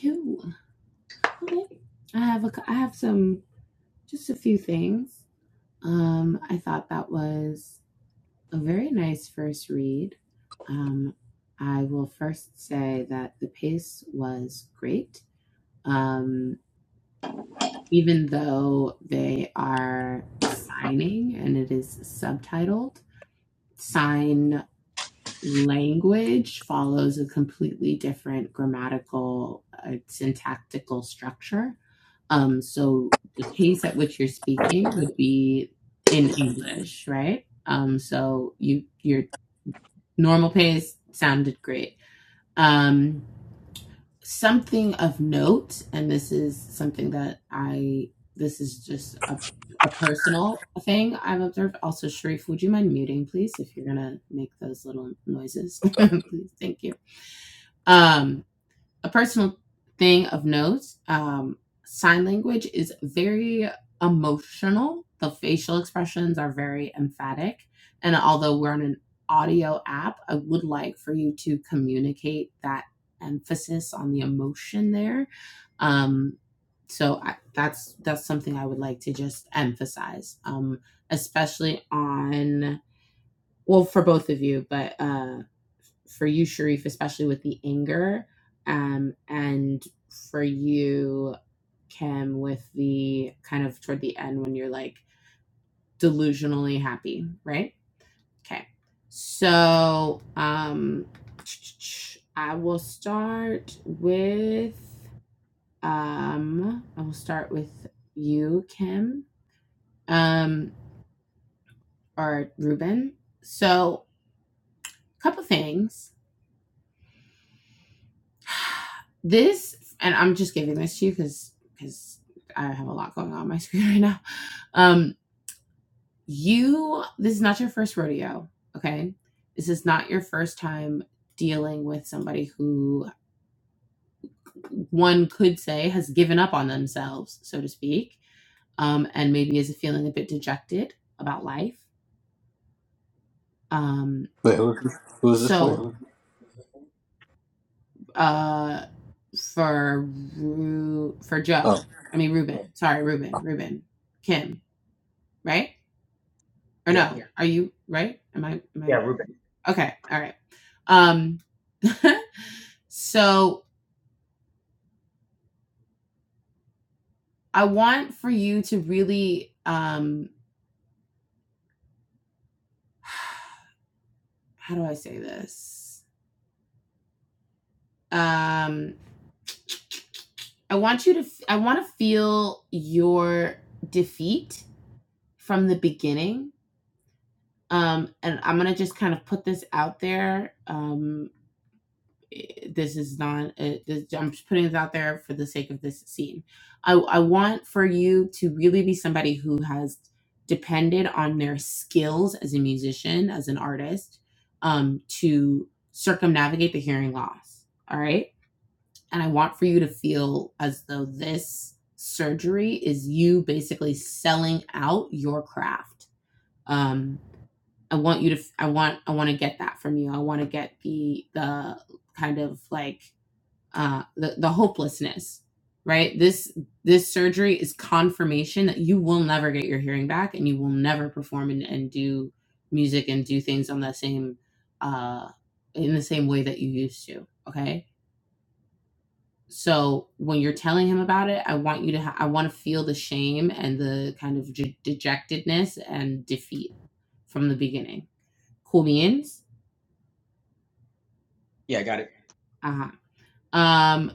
Speaker 5: Cool. Okay. I have a. cou- I have some. Just a few things. Um, I thought that was a very nice first read. Um, I will first say that the pace was great. Um, even though they are signing and it is subtitled. Sign language follows a completely different grammatical, uh, syntactical structure. Um, so the pace at which you're speaking would be in English, right? Um, so you your normal pace sounded great. Um, something of note, and this is something that I this is just a a personal thing I've observed. Also, Sharif, would you mind muting, please, if you're gonna make those little noises?
Speaker 6: Sorry.
Speaker 5: please, thank you. Um, a personal thing of note um, sign language is very emotional the facial expressions are very emphatic and although we're on an audio app i would like for you to communicate that emphasis on the emotion there um, so I, that's that's something i would like to just emphasize um, especially on well for both of you but uh for you sharif especially with the anger um and for you kim with the kind of toward the end when you're like delusionally happy right okay so um i will start with um i will start with you kim um or ruben so a couple things This, and I'm just giving this to you because because I have a lot going on my screen right now. Um, you, this is not your first rodeo, okay? This is not your first time dealing with somebody who one could say has given up on themselves, so to speak, um, and maybe is feeling a bit dejected about life. Um,
Speaker 6: Wait, who? Who's this for?
Speaker 5: so, uh, for Ru- for Joe,
Speaker 6: Oh,
Speaker 5: I mean Ruben, sorry, Ruben, Ruben, Kim, right? Or
Speaker 7: Yeah.
Speaker 5: no? Yeah. Are you right? Am I?
Speaker 7: Yeah,
Speaker 5: Am
Speaker 7: Ruben.
Speaker 5: I? Okay. All right. Um. so I want for you to really um. How do I say this? Um. I want you to. I want to feel your defeat from the beginning. Um. And I'm gonna just kind of put this out there. Um eh, this is not eh, this, i'm just putting it out there for the sake of this scene I, I want for you to really be somebody who has depended on their skills as a musician as an artist um, to circumnavigate the hearing loss all right and i want for you to feel as though this surgery is you basically selling out your craft um, i want you to I want i want to get that from you i want to get the the kind of like uh, the, the hopelessness right this this surgery is confirmation that you will never get your hearing back and you will never perform and, and do music and do things on that same uh in the same way that you used to okay so when you're telling him about it i want you to ha- i want to feel the shame and the kind of de- dejectedness and defeat from the beginning cool beans
Speaker 7: Yeah, I got it.
Speaker 5: uh-huh um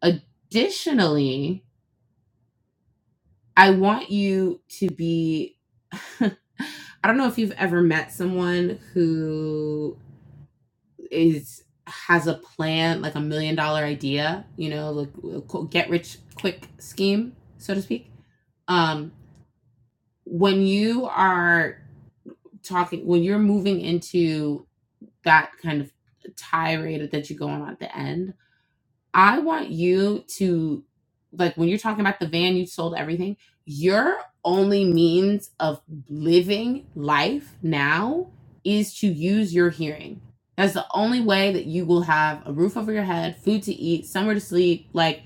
Speaker 5: additionally I want you to be. I don't know if you've ever met someone who is has a plan, like a million dollar idea, you know, like a qu- get rich quick scheme, so to speak. Um, when you are talking, when you're moving into that kind of tirade that you go on at the end, I want you to like when you're talking about the van you sold everything, your only means of living life now is to use your hearing. That's the only way that you will have a roof over your head, food to eat, somewhere to sleep, like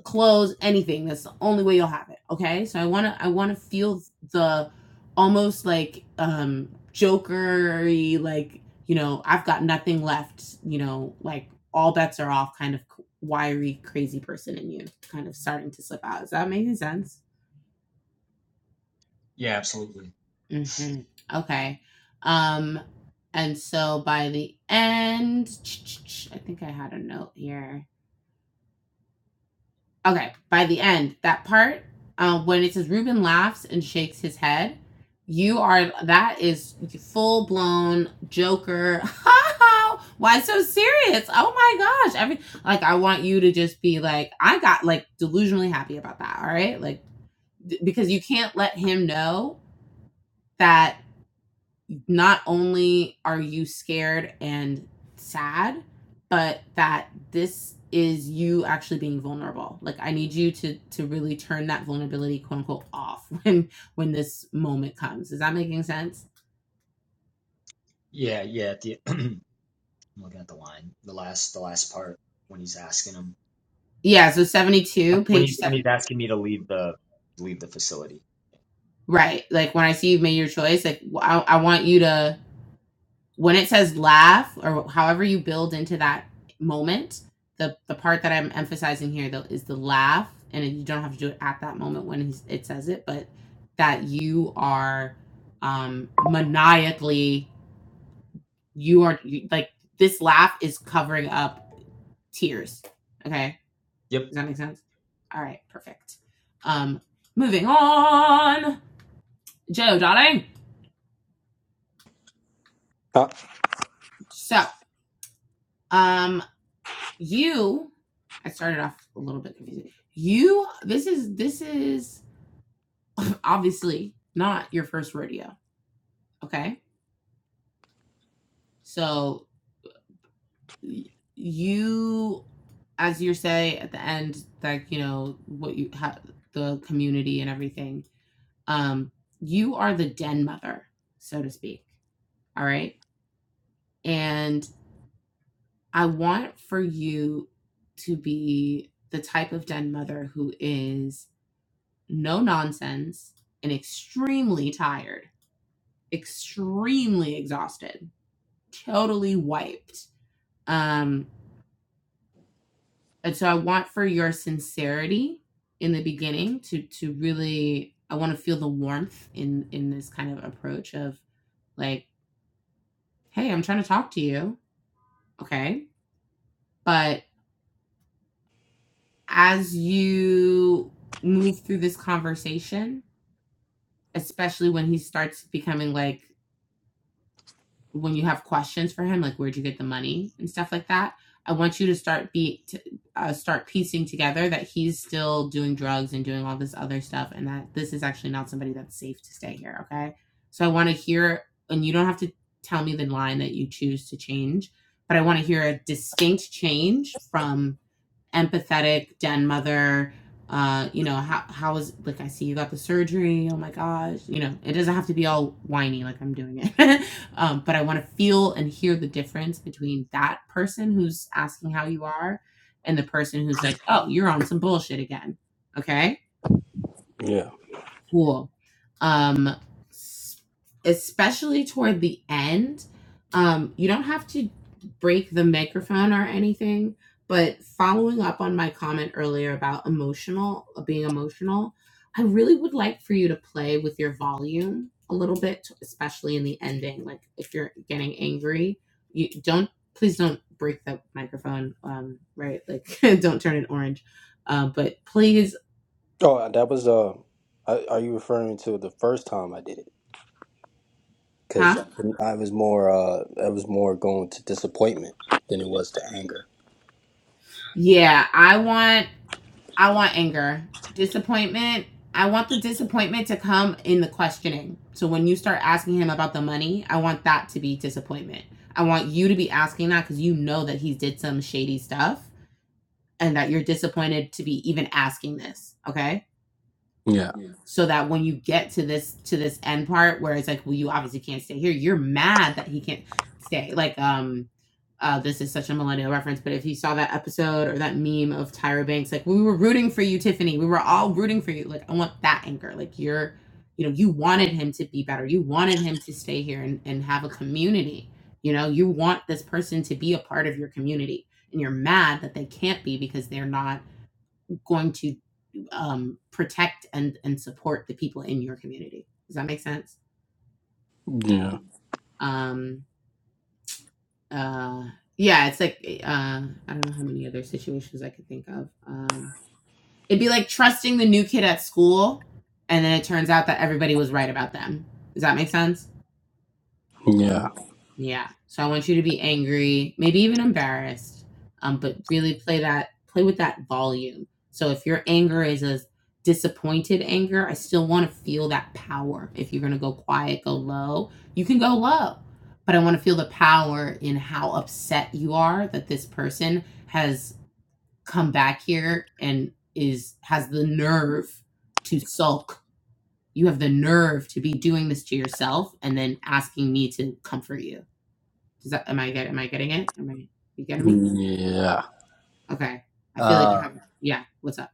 Speaker 5: clothes, anything. That's the only way you'll have it. Okay. So I wanna I wanna feel the almost like um jokery, like, you know, I've got nothing left, you know, like all bets are off kind of wiry, crazy person in you kind of starting to slip out. Is that making sense?
Speaker 7: Yeah, absolutely.
Speaker 5: hmm Okay. Um, and so by the end, I think I had a note here. Okay, by the end, that part um, when it says Reuben laughs and shakes his head, you are that is full blown Joker. Why so serious? Oh my gosh! Every like I want you to just be like I got like delusionally happy about that. All right, like d- because you can't let him know that not only are you scared and sad, but that this is you actually being vulnerable. Like I need you to to really turn that vulnerability quote unquote off when when this moment comes. Is that making sense?
Speaker 7: Yeah, yeah. At the, I'm looking at the line, the last, the last part when he's asking him
Speaker 5: Yeah. So seventy two,
Speaker 7: when
Speaker 5: page
Speaker 7: he when
Speaker 5: seven.
Speaker 7: he's asking me to leave the leave the facility.
Speaker 5: Right. Like when I see you have made your choice, like I, I want you to when it says laugh or however you build into that moment, the the part that I'm emphasizing here though is the laugh, and you don't have to do it at that moment when he's, it says it, but that you are um maniacally you are you, like this laugh is covering up tears. Okay,
Speaker 7: Yep.
Speaker 5: does that make sense? All right, perfect. Um, moving on, Joe, darling.
Speaker 6: Huh?
Speaker 5: So, um, you i started off a little bit confused you this is this is obviously not your first rodeo okay so you as you say at the end like you know what you have the community and everything um you are the den mother so to speak all right and i want for you to be the type of den mother who is no nonsense, and extremely tired, extremely exhausted, totally wiped. Um, and so I want for your sincerity in the beginning to to really I want to feel the warmth in in this kind of approach of like, hey, I'm trying to talk to you, okay? But as you move through this conversation, especially when he starts becoming like when you have questions for him, like where'd you get the money and stuff like that, I want you to start be to, uh, start piecing together that he's still doing drugs and doing all this other stuff, and that this is actually not somebody that's safe to stay here. Okay, so I want to hear, and you don't have to tell me the line that you choose to change, but I want to hear a distinct change from empathetic den mother. Uh, you know, how how is like I see you got the surgery. Oh my gosh, you know, it doesn't have to be all whiny like I'm doing it. um, but I want to feel and hear the difference between that person who's asking how you are and the person who's like, oh, you're on some bullshit again. Okay
Speaker 6: Yeah.
Speaker 5: Cool. Um, s- especially toward the end, um, you don't have to break the microphone or anything, but following up on my comment earlier about emotional, being emotional, I really would like for you to play with your volume a little bit, especially in the ending. Like if you're getting angry, you don't, please don't break the microphone, um, right? Like don't turn it orange. Uh, but please,
Speaker 6: Oh, that was uh. I- Are you referring to the first time I did it? Because
Speaker 5: huh?
Speaker 6: I was more uh, I was more going to disappointment than it was to anger.
Speaker 5: Yeah, I want I want anger. Disappointment, I want the disappointment to come in the questioning. So when you start asking him about the money, I want that to be disappointment. I want you to be asking that because you know that he did some shady stuff and that you're disappointed to be even asking this. Okay
Speaker 6: yeah,
Speaker 5: so that when you get to this to this end part where it's like well you obviously can't stay here you're mad that he can't stay like um uh, this is such a millennial reference, but if you saw that episode or that meme of Tyra Banks, like we were rooting for you, Tiffany. We were all rooting for you. Like I want that anchor. Like you're, you know, you wanted him to be better. You wanted him to stay here and, and have a community. You know, you want this person to be a part of your community, and you're mad that they can't be because they're not going to um, protect and and support the people in your community. Does that make sense?
Speaker 6: yeah,
Speaker 5: Um, uh, yeah, it's like eh, uh, I don't know how many other situations I could think of. Um, it'd be like trusting the new kid at school, and then it turns out that everybody was right about them. Does that make sense?
Speaker 6: yeah,
Speaker 5: Yeah. So I want you to be angry, maybe even embarrassed, um, but really play that play with that volume. So if your anger is a disappointed anger, I still want to feel that power. If you're gonna go quiet, go low, you can go low. But I want to feel the power in how upset you are that this person has come back here and is has the nerve to sulk. You have the nerve to be doing this to yourself and then asking me to comfort you does that am I get am I getting it? Am I you getting me?
Speaker 6: yeah.
Speaker 5: Okay. I feel like you
Speaker 6: Uh,
Speaker 5: have yeah, what's up?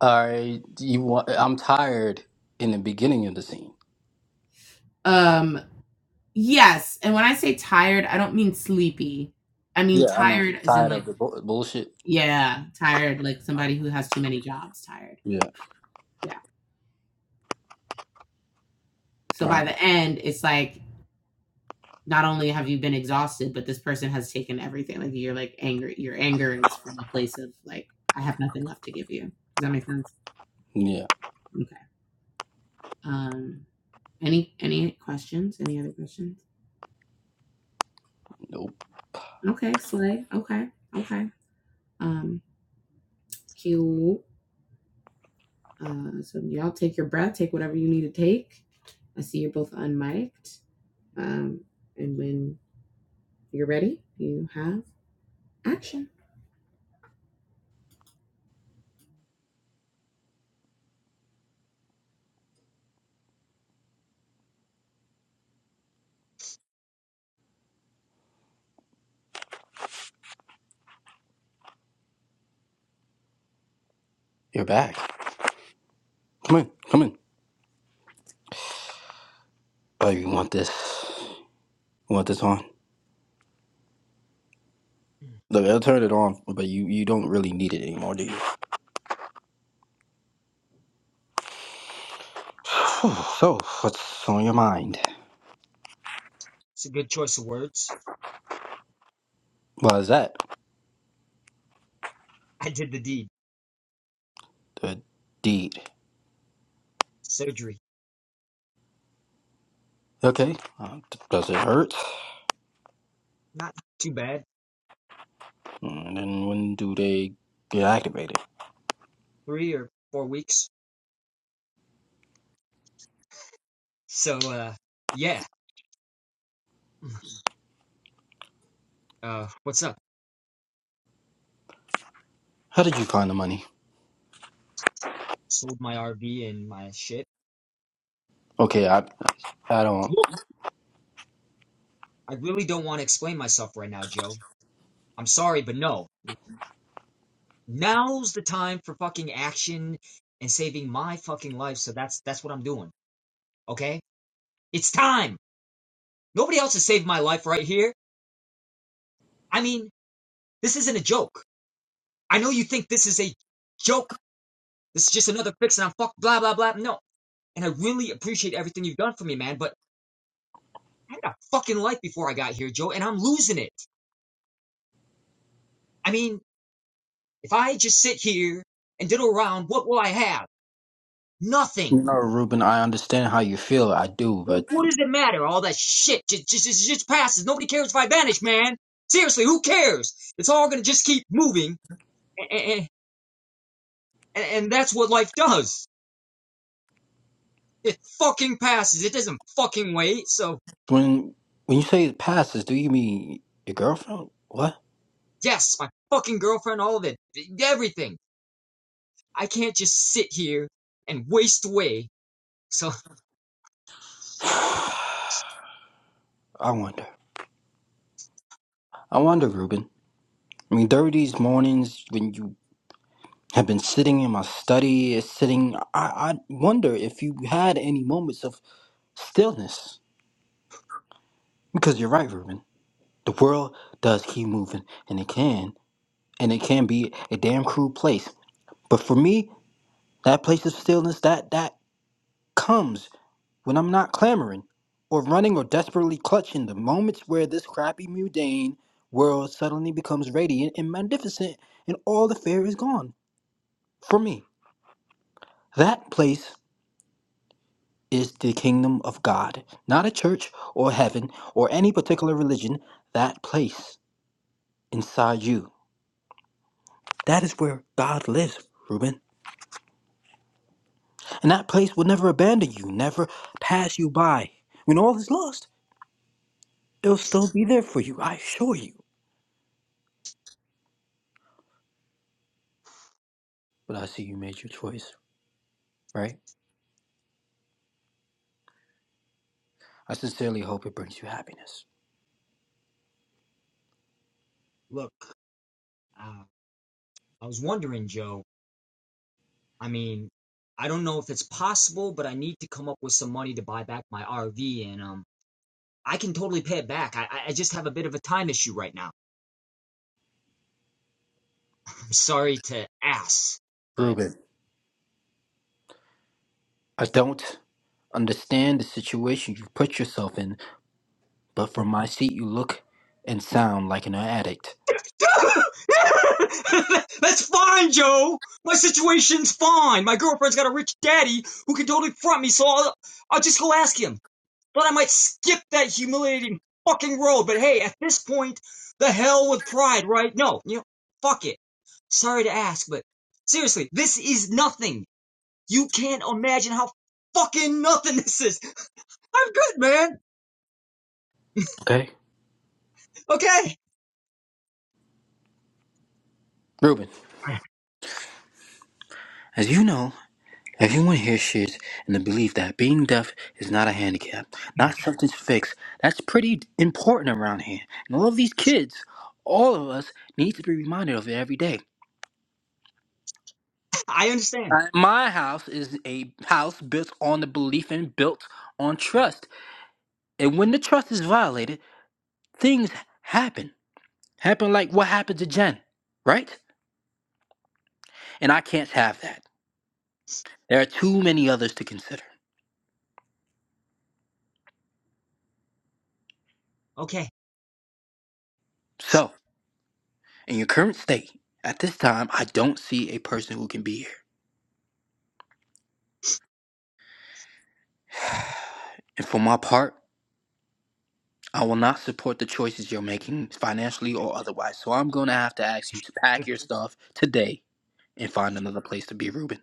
Speaker 6: all right. You want? I'm tired in the beginning of the scene.
Speaker 5: Um yes, and when I say tired, I don't mean sleepy. I mean
Speaker 6: Yeah, I know.
Speaker 5: tired as in
Speaker 6: Tired
Speaker 5: like
Speaker 6: of the bu- bullshit.
Speaker 5: yeah, tired like somebody who has too many jobs, tired.
Speaker 6: Yeah.
Speaker 5: Yeah. So
Speaker 6: All
Speaker 5: by
Speaker 6: right.
Speaker 5: the end, it's like not only have you been exhausted, but this person has taken everything. Like you're like angry. Your anger is from a place of like I have nothing left to give you. Does that make sense?
Speaker 6: Yeah.
Speaker 5: Okay. Um any any questions? Any other questions?
Speaker 6: Nope.
Speaker 5: Okay, slay. Okay, okay. Um, cute. Uh, so y'all take your breath, take whatever you need to take. I see you're both unmiked. Um, and when you're ready, you have action.
Speaker 6: You're back. Come in, come in. Oh, you want this? You want this on? Look, I'll turn it on, but you you don't really need it anymore, do you? So, what's on your mind?
Speaker 7: It's a good choice of words.
Speaker 6: Why is that?
Speaker 7: I did the deed.
Speaker 6: The deed.
Speaker 7: Surgery.
Speaker 6: Okay. Uh, d- does it hurt?
Speaker 7: Not too bad.
Speaker 6: And then when do they get activated?
Speaker 7: Three or four weeks. So uh yeah. Uh what's up?
Speaker 6: How did you find the money?
Speaker 7: Sold my RV and my shit.
Speaker 6: Okay, I I don't.
Speaker 7: Look, I really don't want to explain myself right now, Joe. I'm sorry, but no. Now's the time for fucking action and saving my fucking life, so that's that's what I'm doing. Okay? It's time. Nobody else has saved my life right here. I mean, this isn't a joke. I know you think this is a joke. This is just another fix and I'm fuck blah blah blah. No. And I really appreciate everything you've done for me, man, but I had a fucking life before I got here, Joe, and I'm losing it. I mean, if I just sit here and diddle around, what will I have? Nothing.
Speaker 6: No, Ruben, I understand how you feel. I do,
Speaker 7: Well,
Speaker 6: but
Speaker 7: what does it matter? All that shit just, just, just, just passes. Nobody cares if I vanish, man. Seriously, who cares? It's all gonna just keep moving, and, and, and that's what life does. It fucking passes. It doesn't fucking wait. So,
Speaker 6: when when you say passes, do you mean your girlfriend? What?
Speaker 7: yes, my fucking girlfriend, all of it, everything. I can't just sit here and waste away. So,
Speaker 6: I wonder. I wonder, Ruben. I mean, there are these mornings when you have been sitting in my study, is sitting. I, I wonder if you had any moments of stillness. Because you're right, Ruben. The world does keep moving, and it can, and it can be a damn cruel place. But for me, that place of stillness, that that comes when I'm not clamoring, or running, or desperately clutching the moments where this crappy, mundane world suddenly becomes radiant and magnificent, and all the fear is gone. For me, that place. is the kingdom of God, not a church or heaven or any particular religion, that place inside you. That is where God lives, Reuben. And that place will never abandon you, never pass you by. When all is lost, it'll still be there for you, I assure you. But I see you made your choice, right? I sincerely hope it brings you happiness.
Speaker 7: look, uh, I was wondering, Joe I mean, I don't know if it's possible, but I need to come up with some money to buy back my RV, and um, I can totally pay it back. I I just have a bit of a time issue right now. I'm sorry to ass, but
Speaker 6: Reuben, I don't understand the situation you put yourself in, but from my seat, you look and sound like an addict,
Speaker 7: that's fine, Joe. My situation's fine. My girlfriend's got a rich daddy who can totally front me, so I'll I'll just go ask him. Thought I might skip that humiliating fucking road, but hey, at this point, the hell with pride, right? No, you know, fuck it. Sorry to ask, but seriously, this is nothing. You can't imagine how fucking nothing this is. I'm good, man.
Speaker 6: okay?
Speaker 7: Okay.
Speaker 6: Reuben, as you know, Everyone here shares in the belief that being deaf is not a handicap, not something to fix. That's pretty important around here. And all of these kids, all of us, need to be reminded of it every day.
Speaker 7: I understand.
Speaker 6: Uh, My house is a house built on the belief and built on trust. And when the trust is violated, things happen. Happen like what happened to Jen, right? And I can't have that. There are too many others to consider.
Speaker 7: Okay.
Speaker 6: So, in your current state, at this time, I don't see a person who can be here. And for my part, I will not support the choices you're making financially or otherwise. So I'm going to have to ask you to pack your stuff today and find another place to be, Reuben.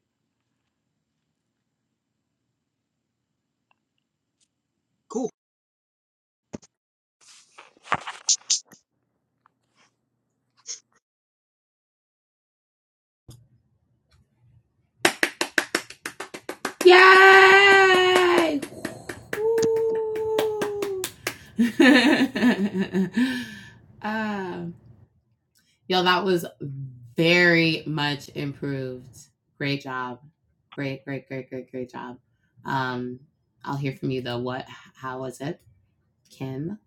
Speaker 7: Cool.
Speaker 5: Yay! Woo! um, Yo, that was very much improved. Great job. Great, great, great, great, great job. Um, I'll hear from you though. What? How was it, Kim?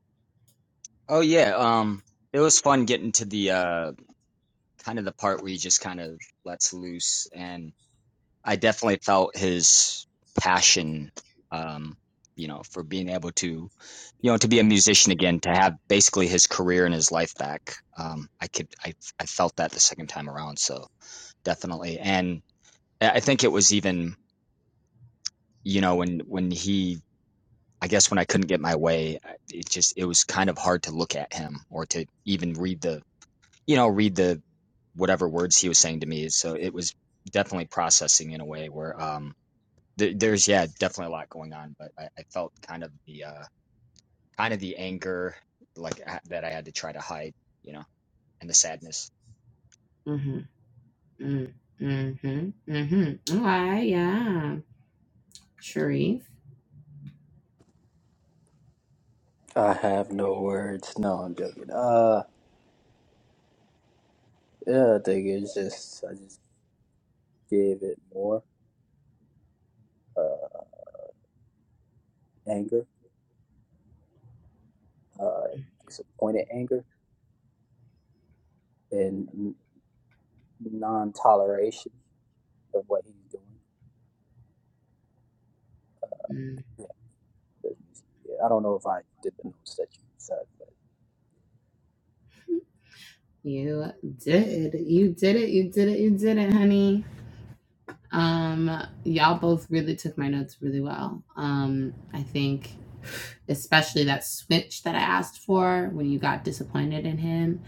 Speaker 7: Oh yeah, um it was fun getting to the uh kind of the part where he just kind of lets loose and I definitely felt his passion, um, you know, for being able to, you know, to be a musician again, to have basically his career and his life back. Um, I could, I, I felt that the second time around. So definitely, and I I think it was even, you know, when when he, I guess when I couldn't get my way, I- it just it was kind of hard to look at him or to even read the, you know, read the whatever words he was saying to me. So it was definitely processing in a way where. um there, there's yeah definitely a lot going on but I, I felt kind of the uh kind of the anger like I, that i had to try to hide you know and the sadness
Speaker 5: Mm-hmm. Mm, mm-hmm. Mm-hmm. All right. Yeah. Sharif.
Speaker 6: I have no words. No, I'm joking. Uh, yeah, I think it's just I just gave it more uh, anger, uh, disappointed anger, and n- non-toleration of what he's doing.
Speaker 5: Mm,
Speaker 6: Yeah, but, yeah, I don't know if I did the notes that you said.
Speaker 5: you did. You did it. You did it. You did it, honey. Um, y'all both really took my notes really well. Um, I think especially that switch that I asked for when you got disappointed in him,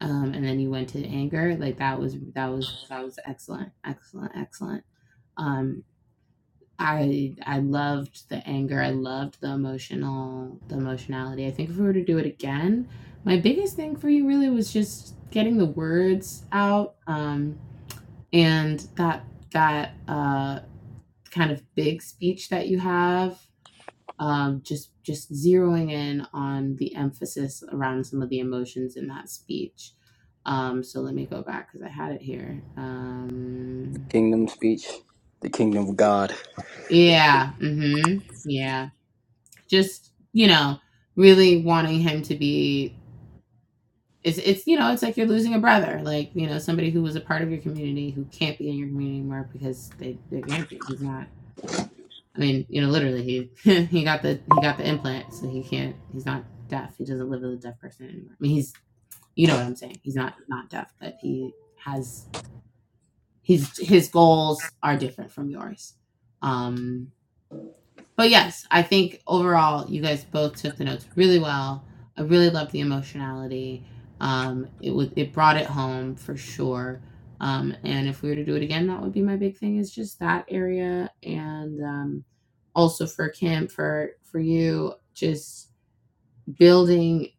Speaker 5: um, and then you went to anger, like that was that was that was excellent, excellent, excellent. Um, I I loved the anger. I loved the emotional the emotionality. I think if we were to do it again, my biggest thing for you really was just getting the words out um, and that that uh, kind of big speech that you have um, just just zeroing in on the emphasis around some of the emotions in that speech um, so let me go back because i had it here um,
Speaker 6: kingdom speech, the kingdom of God.
Speaker 5: yeah hmm yeah just you know really wanting him to be it's, it's you know it's like you're losing a brother like you know somebody who was a part of your community who can't be in your community anymore because they, they can't be he's not I mean, you know, literally, he he got the he got the implant, so he can't. He's not deaf. He doesn't live with a deaf person anymore. I mean, he's you know what I'm saying. He's not not deaf, but he has his his goals are different from yours. Um, but yes, I think overall you guys both took the notes really well. I really loved the emotionality. Um, it was it brought it home for sure. Um, and if we were to do it again, that would be my big thing is just that area and um, also for Kim for for you just building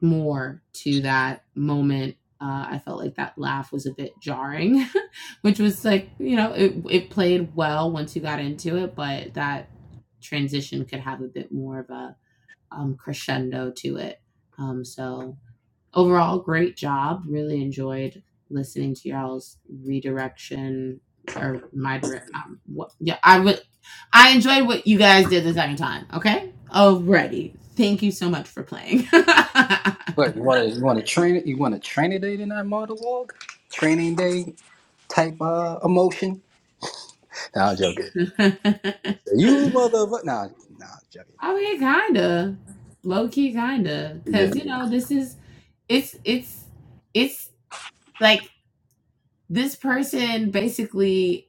Speaker 5: more to that moment. Uh, I felt like that laugh was a bit jarring, which was like, you know, it, it played well once you got into it, but that transition could have a bit more of a um, crescendo to it. Um, so overall great job really enjoyed listening to y'all's redirection or my direct um, what yeah i would i enjoyed what you guys did the second time okay already thank you so much for playing i
Speaker 6: What you want to you want to train it? You want to train it in that monologue? Training day type uh emotion? Nah, I'm joking. You motherfucker! Nah, nah, I'm joking.
Speaker 5: mean kinda low-key kinda
Speaker 6: Yeah,
Speaker 5: because you know this is it's it's it's like this person basically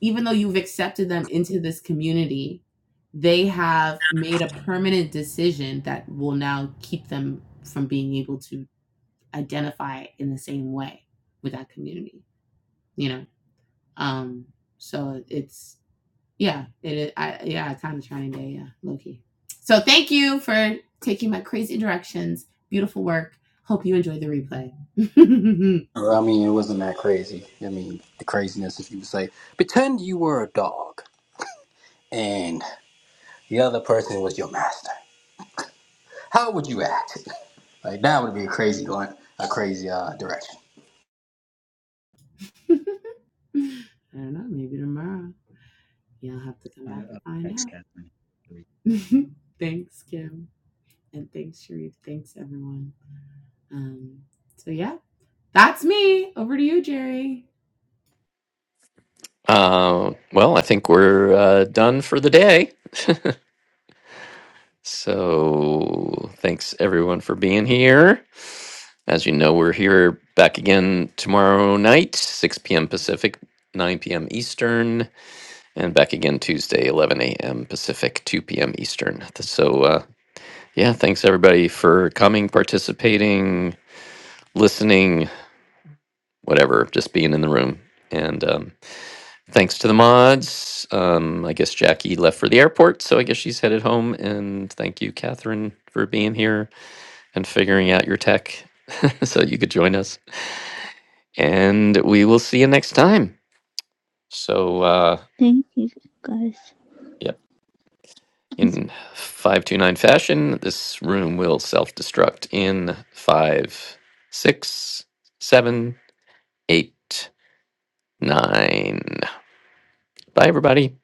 Speaker 5: even though you've accepted them into this community, they have made a permanent decision that will now keep them from being able to identify in the same way with that community. You know, um, so it's yeah, it I yeah, kind of trying to yeah, low key. So thank you for taking my crazy directions. Beautiful work. Hope you enjoy the replay.
Speaker 6: I mean it wasn't that crazy. I mean the craziness if you would say pretend you were a dog and the other person was your master. How would you act? Like that would be a crazy going, a crazy uh, direction.
Speaker 5: I don't know, maybe tomorrow you'll have to come back
Speaker 7: uh, uh,
Speaker 5: and find out.
Speaker 7: thanks catherine
Speaker 5: thanks, Kim. And thanks, Sharif. Thanks, everyone. Um, so, yeah, that's me. Over to you, Jerry.
Speaker 2: Uh, well, I think we're uh, done for the day. So thanks everyone for being here. As you know, we're here back again tomorrow night, 6 p.m. Pacific, 9 p.m. Eastern, and back again Tuesday, 11 a.m. Pacific, 2 p.m. Eastern. So, uh, yeah, thanks everybody for coming, participating, listening, whatever, just being in the room. And um, thanks to the mods. Um, I guess Jackie left for the airport, so I guess she's headed home. And thank you, Catherine, for being here and figuring out your tech so you could join us. and we will see you next time. So, uh,
Speaker 3: Thank you guys.
Speaker 2: yep, in 529 fashion, this room will self destruct in five, six, seven, eight, nine. Bye, everybody.